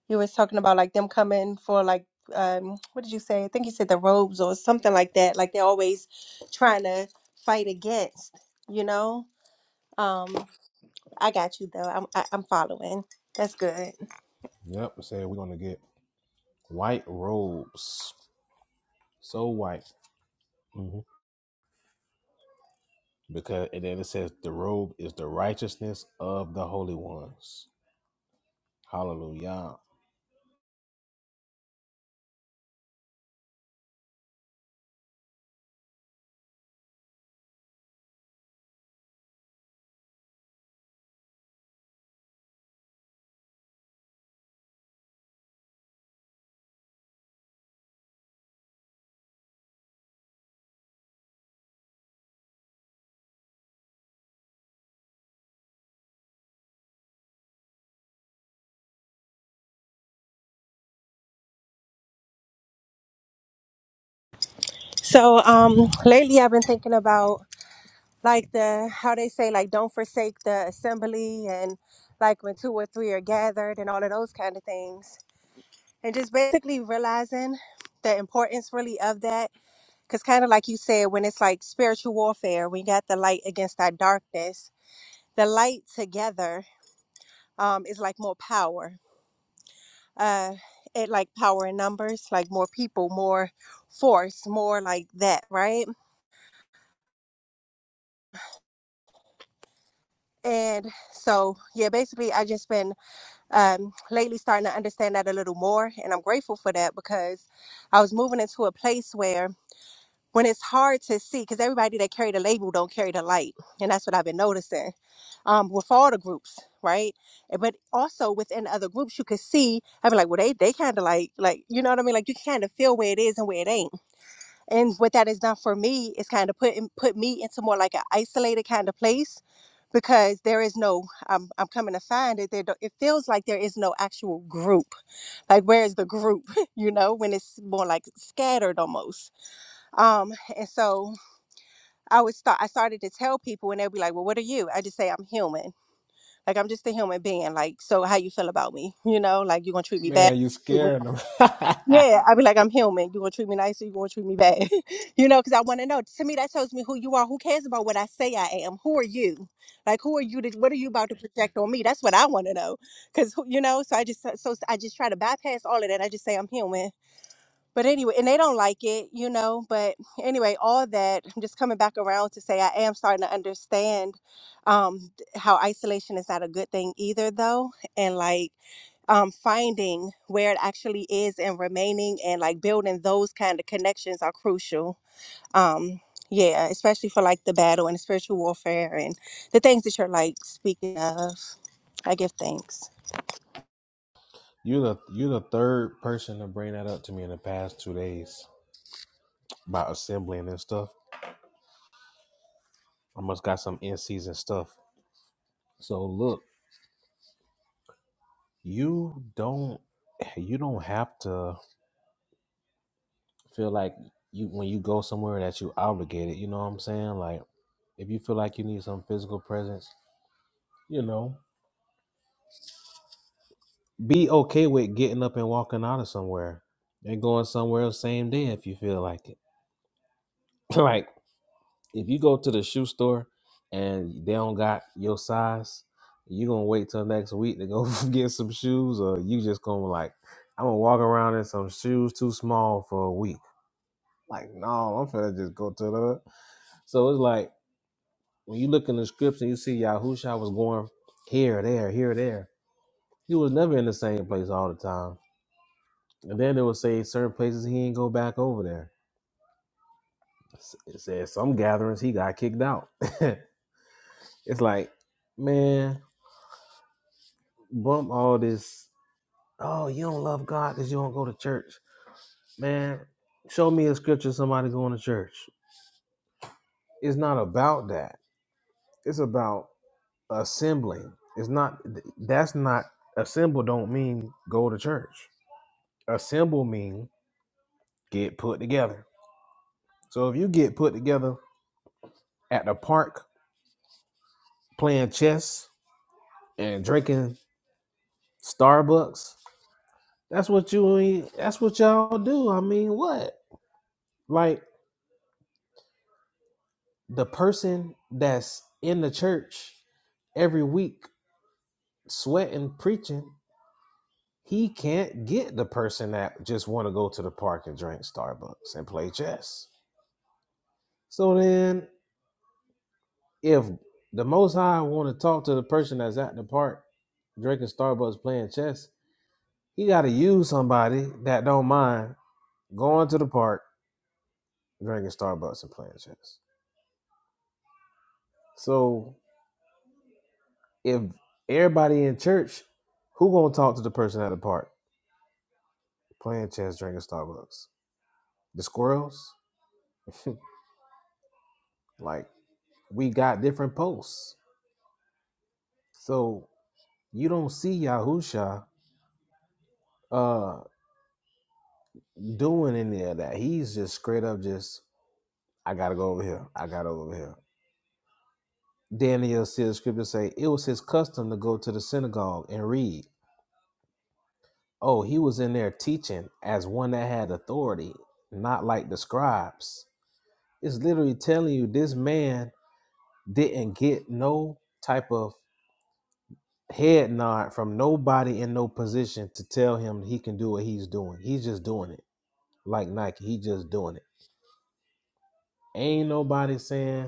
You was talking about like them coming for like um. What did you say? I think you said the robes or something like that. Like they're always trying to fight against. You know. um. I got you though. I'm I, I'm following. That's good.
Yep, say we're gonna get white robes, so white, hmm because and then it says the robe is the righteousness of the holy ones. Hallelujah.
So um, lately I've been thinking about like the how they say like don't forsake the assembly and like when two or three are gathered and all of those kind of things and just basically realizing the importance really of that because kind of like you said when it's like spiritual warfare we got the light against that darkness the light together um, is like more power uh it like power in numbers like more people more force more like that right and so yeah basically i just been um lately starting to understand that a little more and i'm grateful for that because i was moving into a place where when it's hard to see because everybody that carry the label don't carry the light and that's what i've been noticing um with all the groups right but also within other groups you could see i'd be like well they they kind of like like you know what i mean like you kind of feel where it is and where it ain't and what that has done for me is kind of put in- put me into more like an isolated kind of place because there is no I'm, I'm coming to find that there don't- it feels like there is no actual group like where is the group you know when it's more like scattered almost um and so i would start i started to tell people and they'll be like well what are you i just say i'm human like i'm just a human being like so how you feel about me you know like you gonna treat me bad
Man, you scaring them.
Yeah, I'd be like, I'm human. You gonna treat me nice or you gonna treat me bad? you know, because I want to know. To me, that tells me who you are. Who cares about what I say I am? Who are you? Like, who are you? To, what are you about to project on me? That's what I want to know. Because you know, so I just so so I just try to bypass all of that. I just say I'm human but anyway, and they don't like it, you know. But anyway, all that I'm just coming back around to say I am starting to understand um, how isolation is not a good thing either, though, and like um, finding where it actually is and remaining and like building those kind of connections are crucial. Um, yeah, especially for like the battle and spiritual warfare and the things that you're like speaking of. I give thanks.
you the you the third person to bring that up to me in the past two days about assembling and stuff. I must got some in season stuff. So look, you don't you don't have to. feel like you when you go somewhere that you obligated, you know what I'm saying? Like if you feel like you need some physical presence, you know, be okay with getting up and walking out of somewhere and going somewhere else same day if you feel like it. like if you go to the shoe store and they don't got your size, you gonna wait till next week to go get some shoes, or you just gonna like, I'm gonna walk around in some shoes too small for a week. Like, no, I'm finna just go to the. So it's like When you look in the scripts and you see Yahusha was going here, there, here, there. He was never in the same place all the time. And then it would say certain places he ain't go back over there. It says some gatherings he got kicked out. it's like, man, bump all this. Oh, you don't love God because you don't go to church. Man, show me a scripture somebody going to church. It's not about that. It's about assembling. It's not that's not assemble don't mean go to church. a symbol mean get put together. So if you get put together at the park playing chess and drinking Starbucks, that's what you that's what y'all do. I mean, what? Like the person that's in the church every week sweating preaching, he can't get the person that just want to go to the park and drink Starbucks and play chess. So then if the Most High want to talk to the person that's at the park drinking Starbucks playing chess, he got to use somebody that don't mind going to the park drinking Starbucks and playing chess. So if everybody in church, who gonna talk to the person at the park playing chess, drinking Starbucks? The squirrels? like we got different posts. So you don't see Yahusha uh doing any of that. He's just straight up just I gotta go over here. I gotta go over here. Daniel said, the scripture say, it was his custom to go to the synagogue and read. Oh, he was in there teaching as one that had authority, not like the scribes. It's literally telling you this man didn't get no type of head nod from nobody in no position to tell him he can do what he's doing. He's just doing it. Like Nike, he just doing it. Ain't nobody saying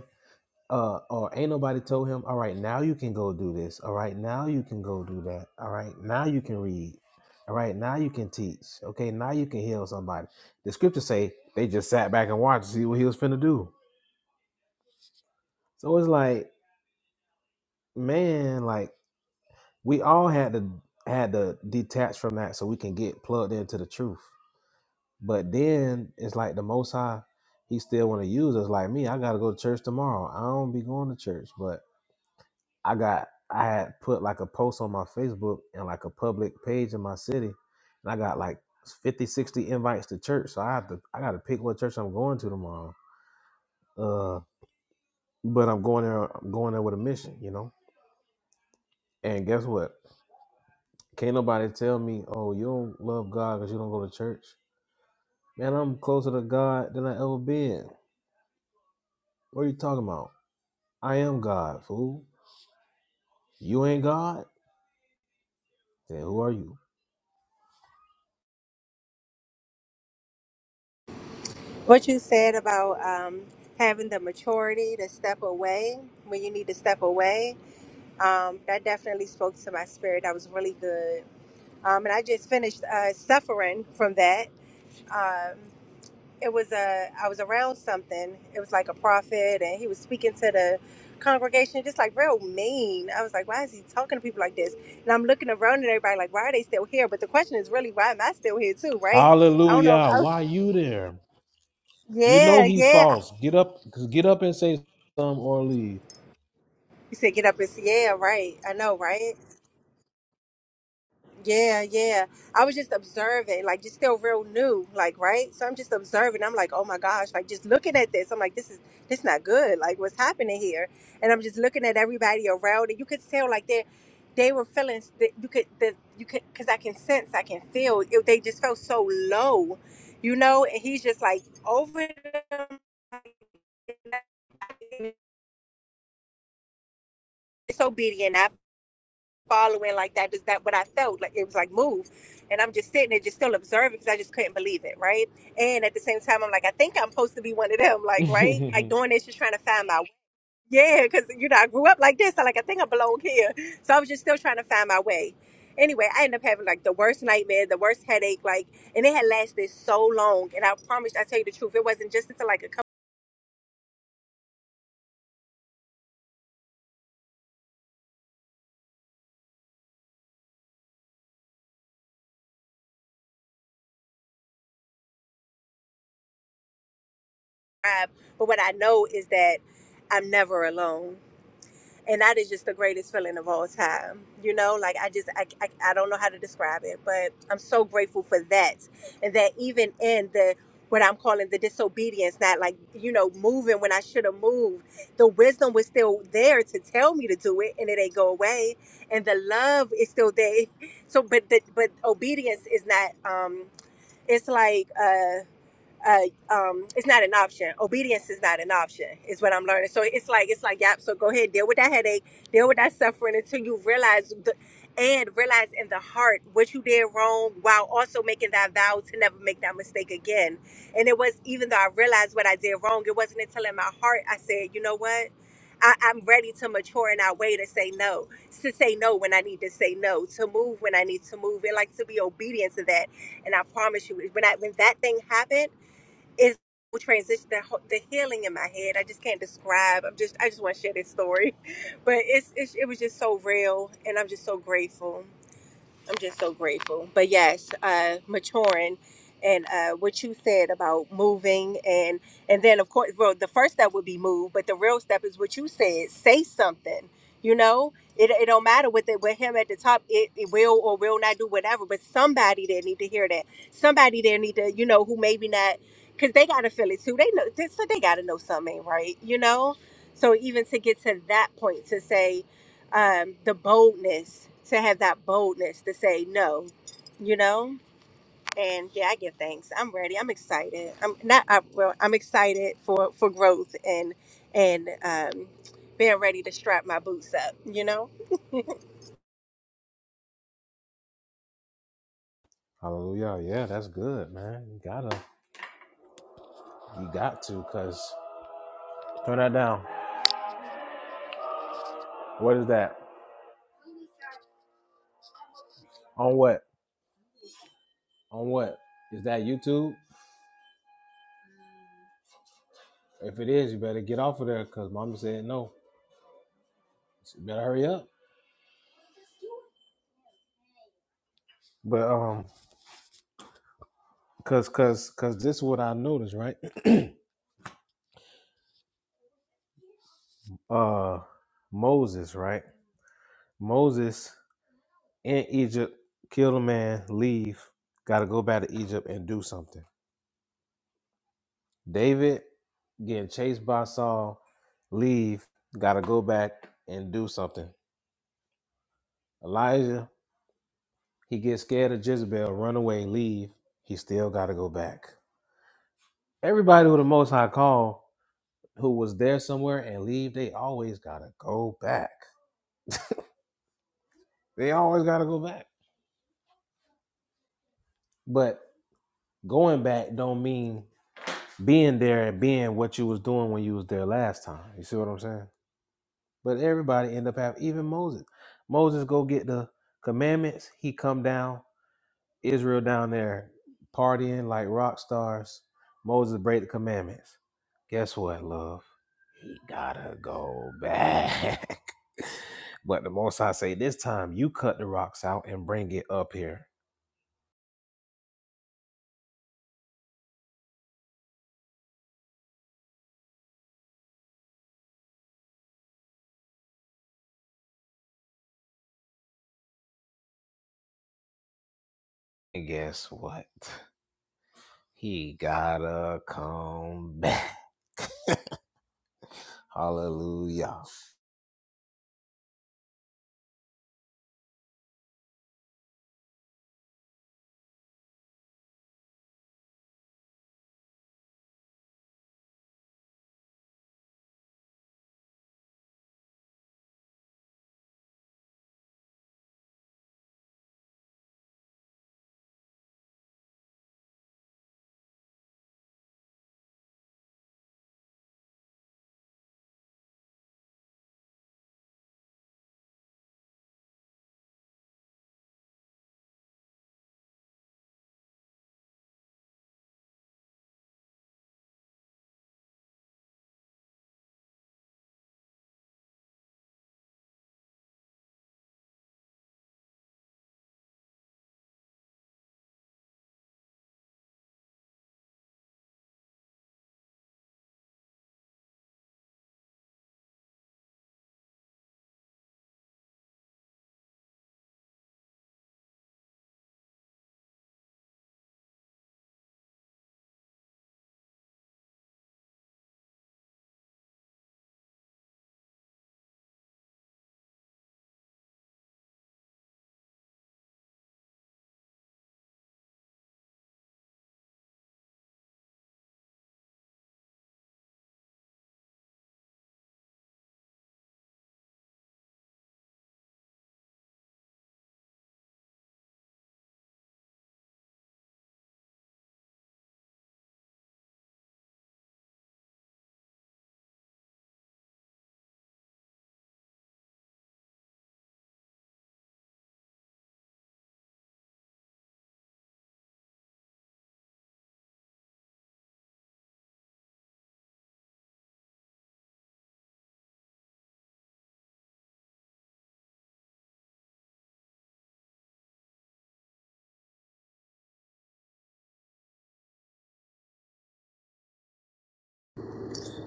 uh, or ain't nobody told him, all right, now you can go do this. All right, now you can go do that. All right, now you can read. All right, now you can teach. Okay, now you can heal somebody. The scriptures say they just sat back and watched to see what he was finna do. So it's like, man, like we all had to had to detach from that so we can get plugged into the truth. But then it's like the Most High, He still want to use us. Like me, I gotta go to church tomorrow. I don't be going to church, but I got I had put like a post on my Facebook and like a public page in my city, and I got like 50, 60 invites to church. So I have to I got to pick what church I'm going to tomorrow. Uh, but I'm going there. I'm going there with a mission, you know. And guess what? Can't nobody tell me, oh, you don't love God because you don't go to church. Man, I'm closer to God than I ever been. What are you talking about? I am God, fool. You ain't God? Then who are you?
What you said about um, having the maturity to step away when you need to step away, um, that definitely spoke to my spirit. That was really good. Um, and I just finished uh, suffering from that. Um, it was a, I was around something. It was like a prophet, and he was speaking to the congregation, just like real mean. I was like, why is he talking to people like this? And I'm looking around at everybody, like, why are they still here? But the question is really, why am I still here too, right? I don't know.
Hallelujah.
I was-
Why you there? You know
yeah,
he
yeah.
false. Get up, get up and say some or leave.
You said get up and see. Yeah, right. I know, right? Yeah, yeah. I was just observing, like just still real new, like right. So I'm just observing. I'm like, oh my gosh, like just looking at this. I'm like, this is this not good. Like what's happening here? And I'm just looking at everybody around, and you could tell like they they were feeling that you could that you could because I can sense, I can feel. It, they just felt so low, you know. And he's just like over them, disobedient. following like that is that what I felt like it was like move and I'm just sitting there just still observing because I just couldn't believe it right and at the same time I'm like I think I'm supposed to be one of them like right like doing this just trying to find my way. yeah because you know I grew up like this I like I think I belong here so I was just still trying to find my way anyway I ended up having like the worst nightmare the worst headache like and it had lasted so long and I promise I tell you the truth it wasn't just until like a couple of times. but what I know is that I'm never alone and that is just the greatest feeling of all time you know like i just I, I, I don't know how to describe it but i'm so grateful for that and that even in the what i'm calling the disobedience not like you know moving when i should have moved the wisdom was still there to tell me to do it and it ain't go away and the love is still there so but the, but obedience is not um it's like uh, uh, um, it's not an option. Obedience is not an option, is what I'm learning. So it's like it's like yep. So go ahead, deal with that headache, deal with that suffering until you realize the, and realize in the heart what you did wrong, while also making that vow to never make that mistake again. And it was even though I realized what I did wrong, it wasn't until in my heart I said, you know what. I, I'm ready to mature in our way to say no, to say no when I need to say no, to move when I need to move, and like to be obedient to that. And I promise you, when I when that thing happened it's a transition the, ho- the healing in my head i just can't describe i'm just i just want to share this story but it's, it's it was just so real and i'm just so grateful I'm just so grateful. But yes, uh, maturing and uh, what you said about moving and and then of course, well, the first step would be move, but the real step is what you said. Say something. You know, it, it don't matter with it with him at the top. It, it will or will not do whatever. But somebody there need to hear that. Somebody there need to you know who maybe not because they gotta feel it too. They know this, so they gotta know something ain't right. You know. So even to get to that point to say um, the boldness to have that boldness to say no, you know. And yeah, I give thanks. I'm ready. I'm excited. I'm not. I, well, I'm excited for for growth and and um, being ready to strap my boots up. You know.
Hallelujah. Yeah, that's good, man. You gotta, you got to, cause turn that down. What is that? On what? On what? Is that YouTube? If it is, you better get off of there, cause mama said no. So you better hurry up. But um, cause cause cause this is what I noticed, right? Uh, Moses, right? Moses in Egypt, kill a man, leave, got to go back to Egypt and do something David getting chased by Saul, leave, gotta go back and do something. Elijah, he gets scared of Jezebel, run away, leave. He still gotta go back. Everybody who the most high called, who was there somewhere and leave, they always gotta go back. They always gotta go back. But going back don't mean being there and being what you was doing when you was there last time. You see what I'm saying? But everybody end up having even Moses. Moses go get the commandments. He come down. Israel down there partying like rock stars. Moses break the commandments. Guess what, love? He gotta go back. but the most High say this time, you cut the rocks out and bring it up here. And guess what? He gotta come back. Hallelujah.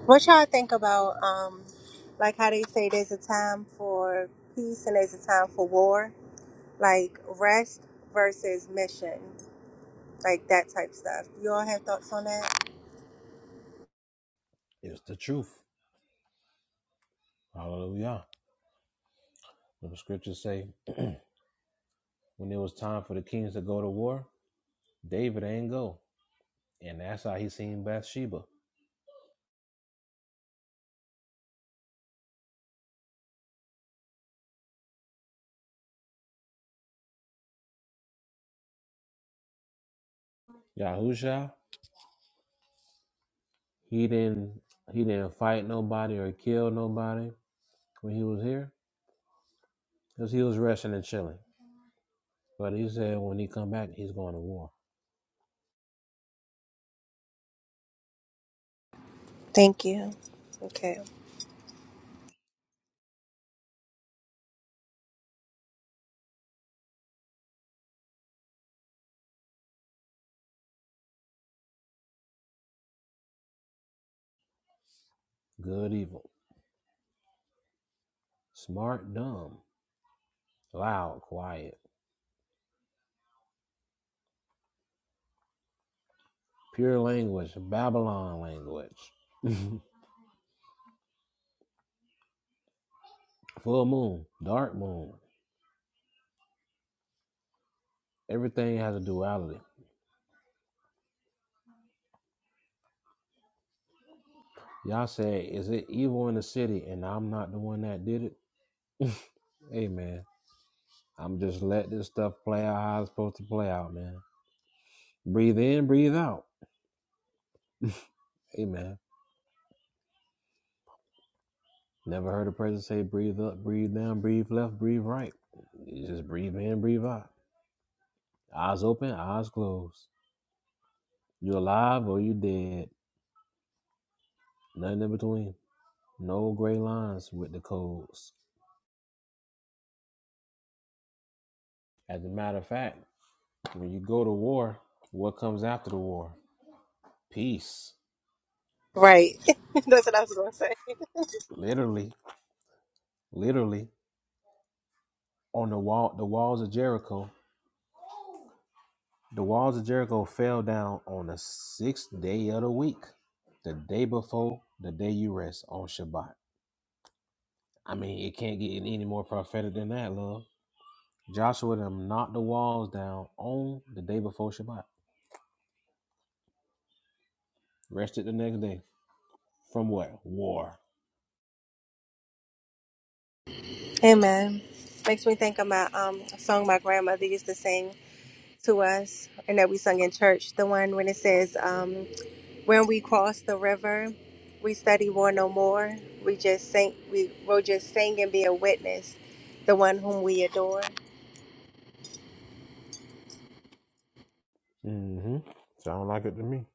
What y'all think about um, like how they say there's a time for peace and there's a time for war, like rest versus mission, like that type stuff. You all have thoughts on that?
It's the truth. Hallelujah. When the scriptures say When it was time for the kings to go to war, David ain't go. And that's how he seen Bathsheba. Yahusha, he didn't he didn't fight nobody or kill nobody when he was here. Because he was resting and chilling. But he said when he come back, he's going to war.
Thank you. Okay.
Good, evil. Smart, dumb. Loud, quiet. Pure language, Babylon language. Full moon, dark moon, Everything has a duality. Y'all say, is it evil in the city and I'm not the one that did it? hey man, I'm just let this stuff play out how it's supposed to play out, man. Breathe in, breathe out. Hey man. Never heard a person say breathe up, breathe down, breathe left, breathe right. You just breathe in, breathe out. Eyes open, eyes closed. You're alive or you're dead. Nothing in between. No gray lines with the codes. As a matter of fact, when you go to war, what comes after the war? Peace.
Right. That's what I was gonna say.
literally, literally on the wall, the walls of Jericho. The walls of Jericho fell down on the sixth day of the week, the day before the day you rest on Shabbat. I mean, it can't get any more prophetic than that, love. Joshua them knocked the walls down on the day before Shabbat. Rested the next day from what? War.
Amen. Makes me think of my um a song my grandmother used to sing to us and that we sung in church. The one when it says, um, when we cross the river, we study war no more. We just sing we will just sing and be a witness, the one whom we adore.
Mm-hmm. Sound like it to me.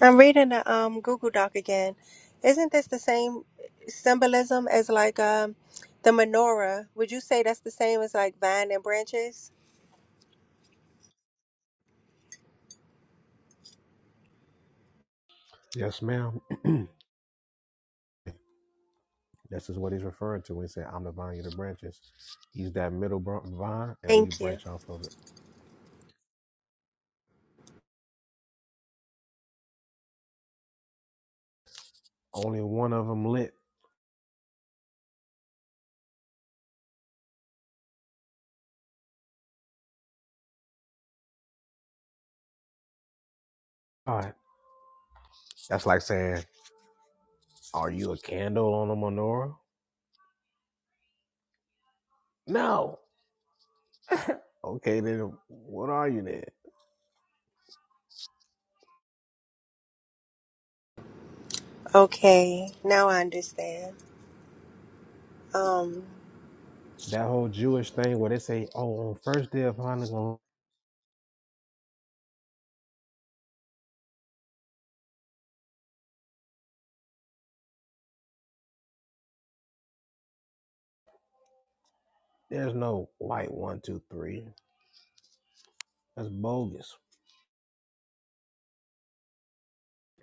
I'm reading the um Google Doc again. Isn't this the same symbolism as like um the menorah? Would you say that's the same as like vine and branches?
Yes, ma'am. This is what he's referring to when he said, I'm the vine, you're the branches. He's that middle br- vine, and we
Thank you.
branch off of it. Only one of them lit. All right. That's like saying, Are you a candle on a menorah? No. Okay, then what are you then?
Okay, now I understand. Um,
That whole Jewish thing where they say, Oh, on first day of Hanukkah, there's no light one, two, three. That's bogus.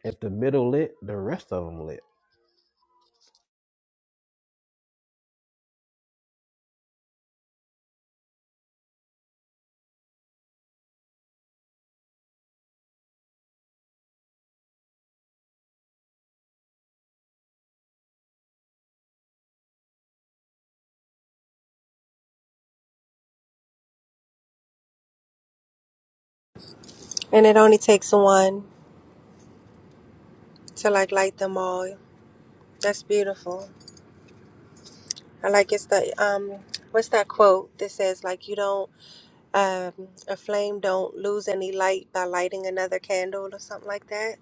If the middle lit, the rest of them lit.
and it only takes one to like light them all. That's beautiful. I like it's the um, what's that quote that says like you don't um a flame don't lose any light by lighting another candle or something like that.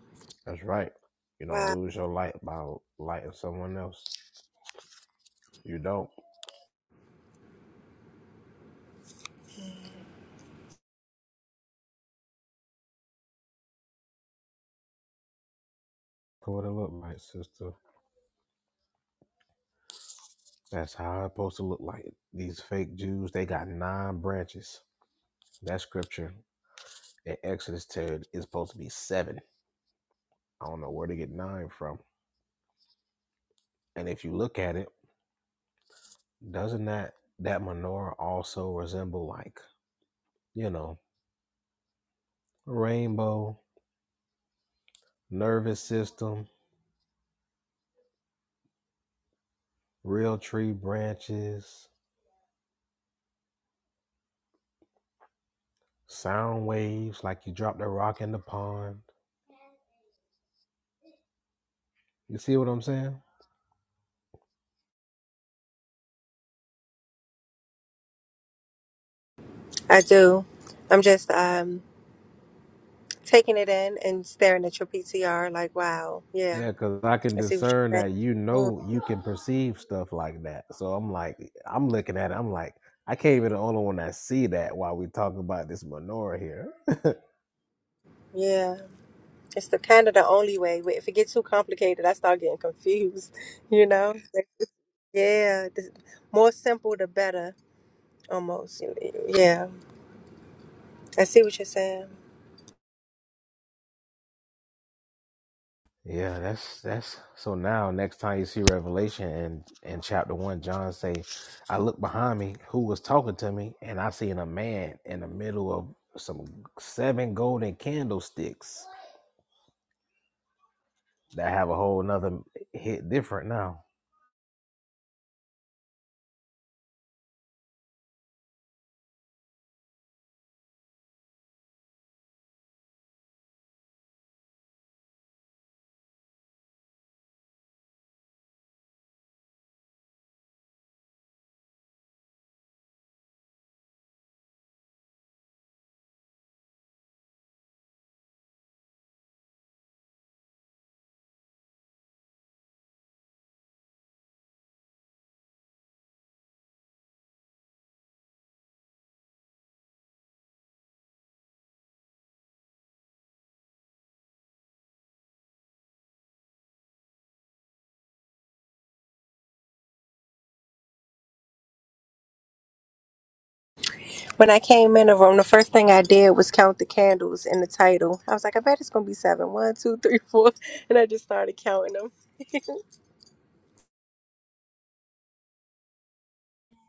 That's right. You don't
Wow,
lose your light by lighting someone else. You don't. Look what it look like, sister. That's how it's supposed to look like. These fake Jews, they got nine branches. That scripture in Exodus 10 is supposed to be seven. I don't know where to get nine from. And if you look at it, doesn't that that menorah also resemble like you know rainbow, nervous system, real tree branches, sound waves like you dropped a rock in the pond? You see what I'm saying?
I do. I'm just um taking it in and staring at your PTR like wow, yeah.
Yeah, because I can
I see what
discern
you're saying.
that you
Mm,
know you can perceive stuff like that. So I'm like, I'm looking at it. I'm like, I can't even the only one that see that while we talking about this menorah here.
yeah. It's the kind of the only way. Wh- If it gets too complicated, I start getting confused. You know? Like, Yeah, the more simple the better. Almost. Yeah, I see what you're saying.
Yeah, that's that's so now next time you see Revelation and in chapter one, John say, I look behind me who was talking to me, and I seen a man in the middle of some seven golden candlesticks that have a whole nother hit different now.
When I came in the room, the first thing I did was count the candles in the title. I was like, I bet it's gonna be seven. One, two, three, four, and I just started counting them.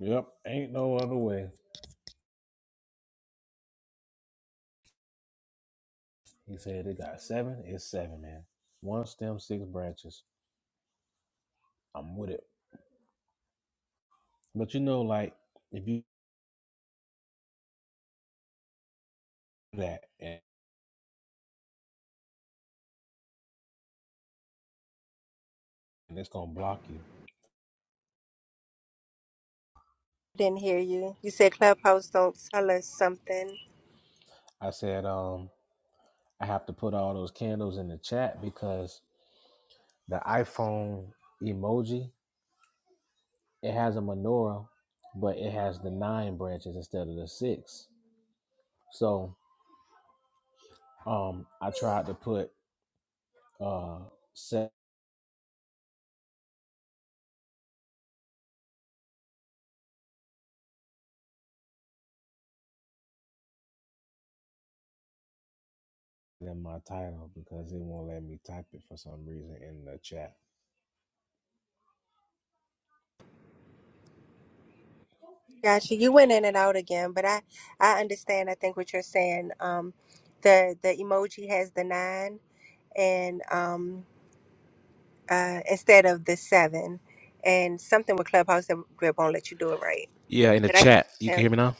Yep, ain't no other way. He said it got seven, it's seven, man. One stem, six branches. I'm with it. But you know, like if you do that and and it's gonna block you.
Didn't hear you. You said Clubhouse don't tell us something.
I said, um, I have to put all those candles in the chat because the iPhone emoji it has a menorah, but it has the nine branches instead of the six. So um, I tried to put uh set in my title because it won't let me type it for some reason in the chat.
Gotcha. You went in and out again, but I I understand. I think what you're saying. Um, the the emoji has the nine, and um, uh, instead of the seven, and something with Clubhouse that that won't let you do it right.
Yeah, in the
But I can
chat.
what
You can hear me now?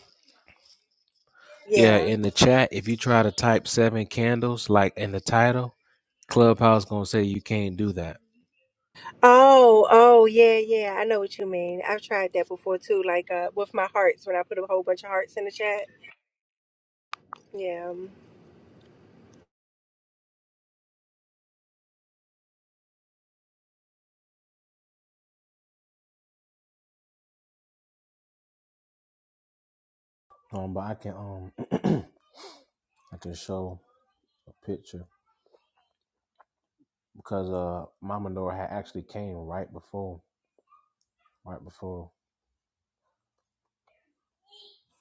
Yeah,
Yeah.
in the chat, if you try to type seven candles like in the title, Clubhouse gonna say you can't do that.
Oh, oh, yeah, yeah. I know what you mean. I've tried that before too. Like uh, with my hearts, when I put a whole bunch of hearts in the chat. Yeah.
Um, but I can um I can show a picture because uh Mama Nora had actually came right before right before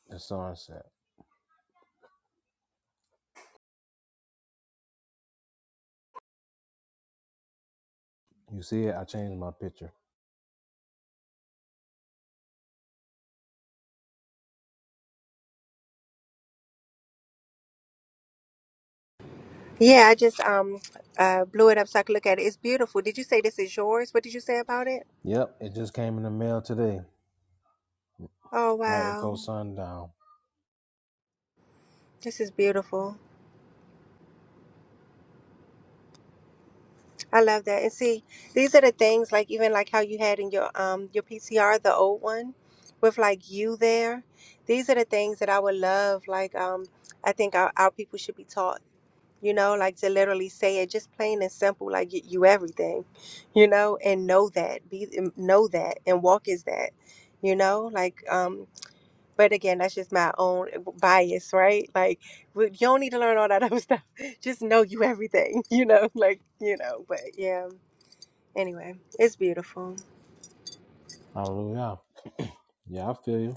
the sunset. You see it? I changed my picture.
Yeah. I just um uh blew it up so I could look at it. It's beautiful. Did you say this is yours? What did you say about it?
Yep, it just came in the mail today,
Oh
right
wow.
before sundown.
This is beautiful. I love that. And see, these are the things like even like how you had in your um your PCR, the old one, with like you there. These are the things that I would love. Like um, I think our, our people should be taught. You know, like to literally say it, just plain and simple. Like you, you everything, you know, and know that, be know that, and walk is that. You know, like um, But again, that's just my own bias, right? Like, we- you don't need to learn all that other stuff. Just know you everything, you know? Like, you know, but yeah. Anyway, it's beautiful.
Hallelujah. Yeah, I feel you.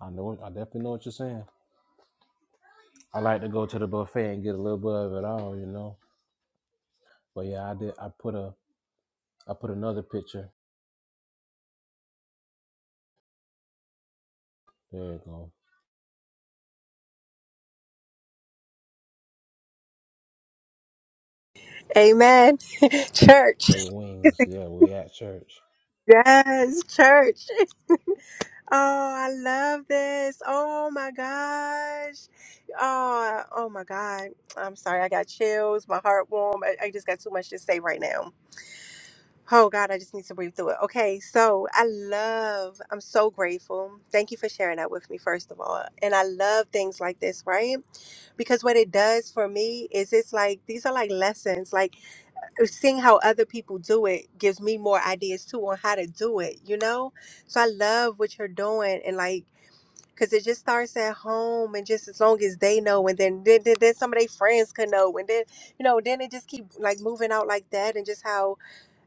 I know. I definitely know what you're saying. I like to go to the buffet and get a little bit of it all, you know. But yeah, I did. I put a. I put another picture. There you go.
Amen. church.
They wings. Yeah, we at church.
Yes, church. Oh, I love this. Oh my gosh. Oh, oh my God. I'm sorry. I got chills. My heart warm. I, I just got too much to say right now. Oh God, I just need to breathe through it. Okay, so I love, I'm so grateful. Thank you for sharing that with me, first of all. And I love things like this, right? Because what it does for me is it's like, these are like lessons. Like uh, seeing how other people do it gives me more ideas too on how to do it, you know? So I love what you're doing and like, Cause it just starts at home, and just as long as they know, and then then, then then some of their friends could know, and then you know, then it just keep like moving out like that, and just how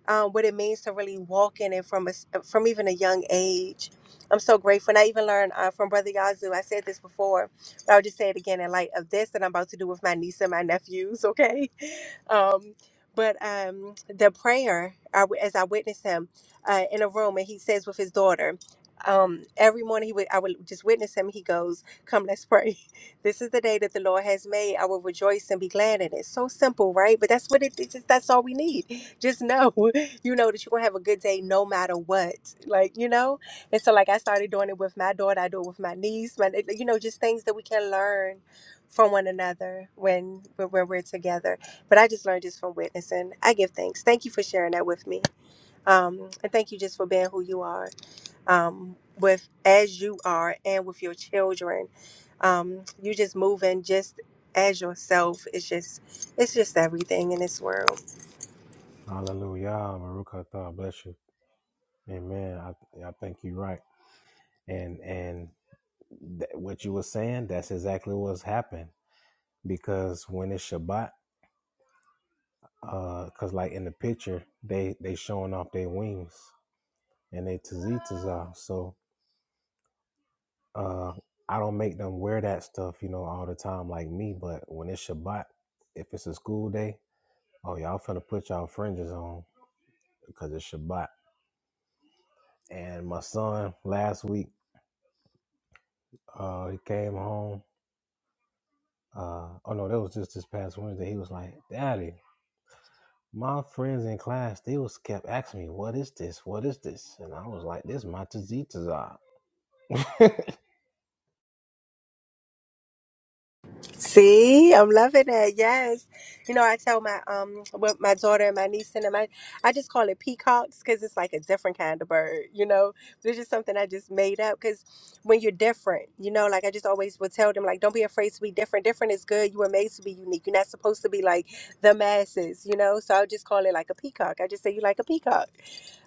um, what it means to really walk in it from a s uh, from even a young age. I'm so grateful. And I even learned uh, from Brother Yazoo. I said this before, but I'll just say it again in light of this that I'm about to do with my niece and my nephews, okay? Um, but um, the prayer, I w as I witnessed him uh, in a room, and he says with his daughter, um, every morning he would, I would just witness him. He goes, "Come, let's pray." This is the day that the Lord has made. I will rejoice and be glad in it. So simple, right? But that's what it it's just that's all we need. Just know, you know, that you're gonna have a good day no matter what. Like, you know? And so like I started doing it with my daughter, I do it with my niece, my like, you know, just things that we can learn from one another when when when we're together. But I just learned this from witnessing. I give thanks. Thank you for sharing that with me. Um, and thank you just for being who you are um, with as you are and with your children. Um, you just moving just as yourself. It's just it's just everything in this world.
Hallelujah. Baruch atah. Bless you. Amen. I I think you're right. And and th- what you were saying, that's exactly what's happened. Because when it's Shabbat, uh, cause like in the picture, they they showing off their wings and they tzitzis off. So Uh, I don't make them wear that stuff, you know, all the time like me. But when it's Shabbat, if it's a school day, oh y'all finna put y'all fringes on because it's Shabbat. And my son last week, uh, he came home. Uh, oh no, that was just this past Wednesday. He was like, "Daddy, my friends in class, they was kept asking me, what is this? What is this?'" And I was like, "This my tzitzit."
See, I'm loving it. Yes, you know, I tell my um, what my daughter and my niece and my, I I just call it peacocks because it's like a different kind of bird. You know, this is something I just made up because when you're different, you know, like I just always would tell them, like, don't be afraid to be different. Different is good. You were made to be unique. You're not supposed to be like the masses. You know, so I'll just call it like a peacock. I just say you like a peacock.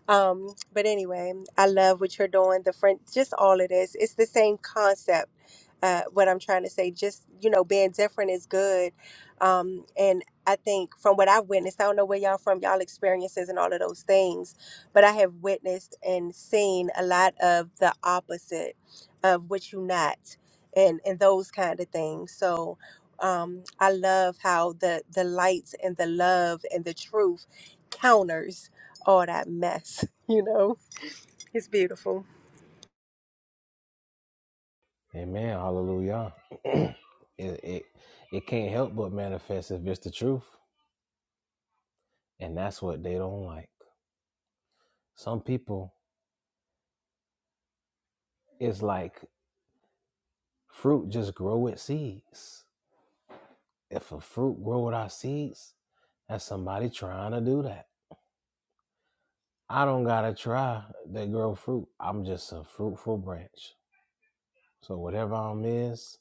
Um, but anyway, I love what you're doing. The friend, just all of this. It's the same concept. Uh, what I'm trying to say, just you know, being different is good. Um, and I think from what I've witnessed, I don't know where y'all from, y'all experiences and all of those things, but I have witnessed and seen a lot of the opposite of what you not, and and those kind of things. So. Um, I love how the the light and the love and the truth counters all that mess, you know? It's beautiful.
Amen. Hallelujah. it, it it can't help but manifest if it's the truth. And that's what they don't like. Some people, it's like fruit just grow with seeds. If a fruit grow without seeds, that's somebody trying to do that. I don't gotta try to grow fruit. I'm just a fruitful branch. So whatever I'm is,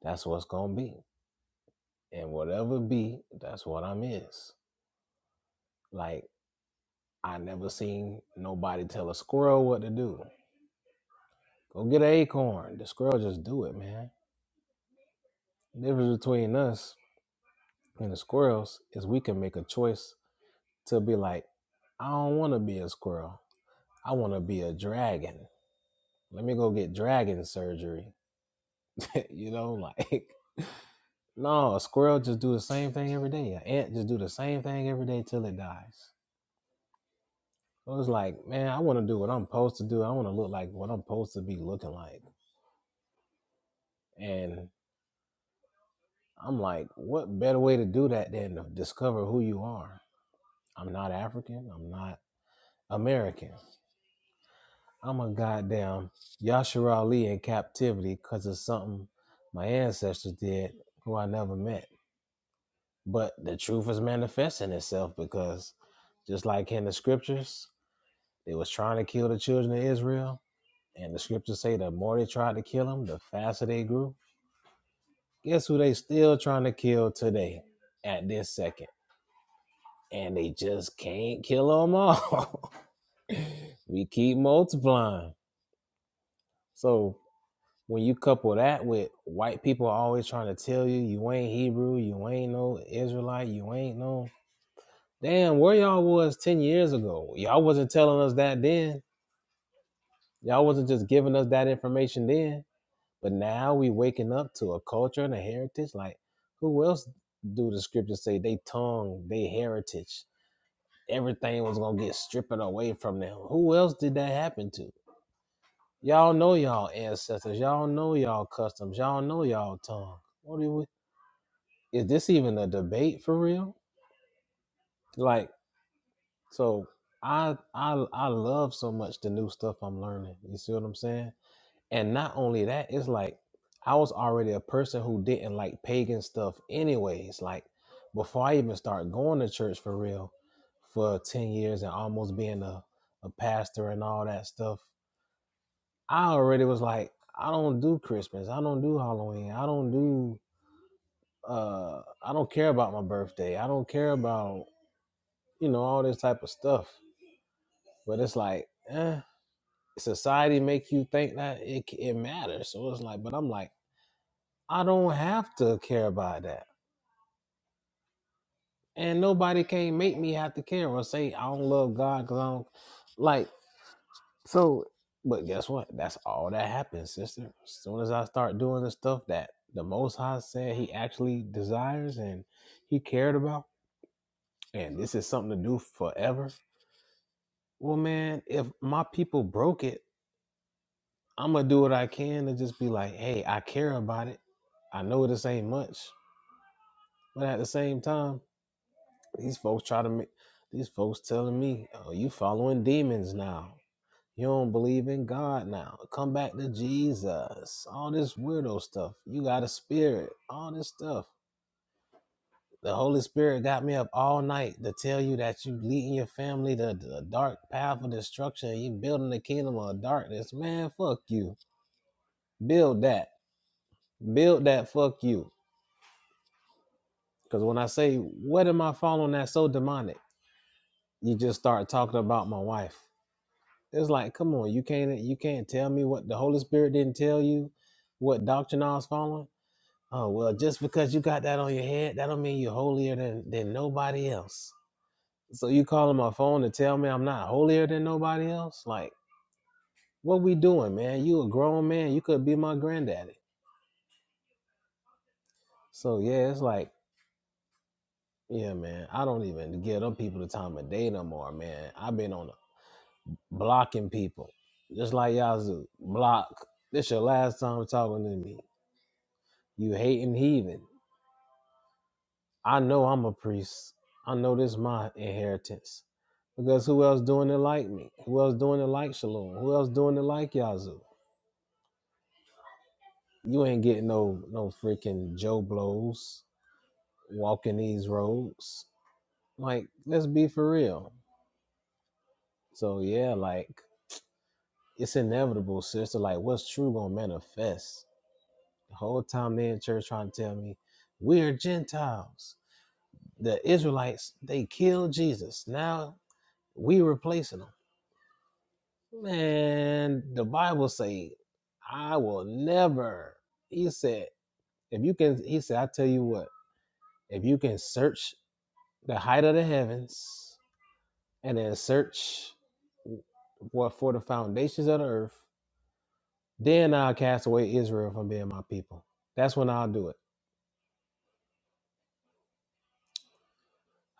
that's what's gonna be. And whatever be, that's what I'm is. Like I never seen nobody tell a squirrel what to do. Go get an acorn. The squirrel just do it, man. The difference between us and the squirrels is we can make a choice to be like, I don't want to be a squirrel. I want to be a dragon. Let me go get dragon surgery. you know, like no, a squirrel just do the same thing every day. An ant just do the same thing every day till it dies. So it's like, man, I want to do what I'm supposed to do. I want to look like what I'm supposed to be looking like. And I'm like, what better way to do that than to discover who you are? I'm not African. I'm not American. I'm a goddamn Yashar Ali in captivity because of something my ancestors did who I never met. But the truth is manifesting itself because just like in the scriptures, they was trying to kill the children of Israel. And the scriptures say the more they tried to kill them, the faster they grew. Guess who they still trying to kill today at this second? And they just can't kill them all. we keep multiplying. So when you couple that with white people always trying to tell you you ain't Hebrew, you ain't no Israelite, you ain't no damn where y'all was ten years ago. Y'all wasn't telling us that then. Y'all wasn't just giving us that information then. But now we waking up to a culture and a heritage. Like who else do the scriptures say they tongue, they heritage? Everything was gonna get stripped away from them. Who else did that happen to? Y'all know y'all ancestors. Y'all know y'all customs. Y'all know y'all tongue. What are we? is this even a debate for real? Like, so I I I love so much the new stuff I'm learning. You see what I'm saying? And not only that, it's like I was already a person who didn't like pagan stuff anyways. Like before I even start going to church for real for 10 years and almost being a, a pastor and all that stuff, I already was like, I don't do Christmas. I don't do Halloween. I don't do uh I don't care about my birthday. I don't care about you know, all this type of stuff. But it's like, eh, society make you think that it it matters. So it's like, but I'm like, I don't have to care about that, and nobody can make me have to care or say I don't love God because I don't like. So, but guess what? That's all that happens, sister. As soon as I start doing the stuff that the Most High said He actually desires and He cared about, and this is something to do forever. Well, man, if my people broke it I'm gonna do what I can to just be like, hey, I care about it. I know this ain't much, but at the same time, these folks try to make these folks telling me, oh, you following demons now. You don't believe in God now. Come back to Jesus. All this weirdo stuff. You got a spirit. All this stuff. The Holy Spirit got me up all night to tell you that you leading your family to the dark path of destruction. You building the kingdom of darkness. Man, fuck you. Build that. Build that. Fuck you. Because when I say, what am I following that's so demonic? You just start talking about my wife. It's like, come on, you can't you can't tell me what the Holy Spirit didn't tell you, what doctrine I was following. Oh well, just because you got that on your head, that don't mean you're holier than than nobody else. So you calling my phone to tell me I'm not holier than nobody else? Like, what we doing, man? You a grown man. You could be my granddaddy. So yeah, it's like, yeah, man. I don't even give them people the time of day no more, man. I've been on the blocking people. Just like Yazoo, block. This your last time talking to me. You hating heathen. I know I'm a priest. I know this my inheritance. Because who else doing it like me? Who else doing it like Shalom? Who else doing it like Yazoo? You ain't getting no no freaking Joe blows walking these roads. Like, let's be for real. So yeah, like it's inevitable, sister. Like, what's true gonna manifest? The whole time they in church trying to tell me we're Gentiles. The Israelites, they killed Jesus. Now we replacing them. Man, the Bible say, I will never. He said, if you can, he said, I tell you what, if you can search the height of the heavens and then search what for the foundations of the earth, then I'll cast away Israel from being my people. That's when I'll do it.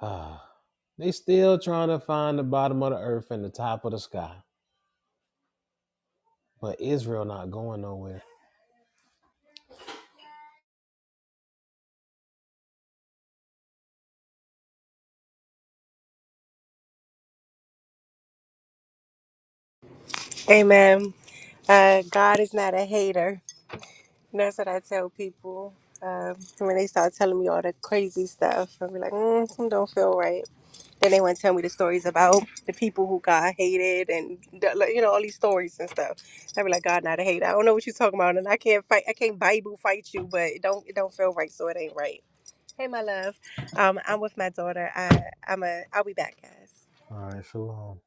they still trying to find the bottom of the earth and the top of the sky. But Israel not going nowhere.
Amen. Uh, God is not a hater. That's what I tell people. Um, when they start telling me all the crazy stuff, I'll be like, mm, something don't feel right. Then they want to tell me the stories about the people who God hated and, the, like, you know, all these stories and stuff. I'll be like, God, not a hater. I don't know what you're talking about. And I can't fight, I can't Bible fight you, but it don't, it don't feel right. So it ain't right. Hey, my love. Um, I'm with my daughter. I, I'm a, I'll be back, guys.
All right, shalom.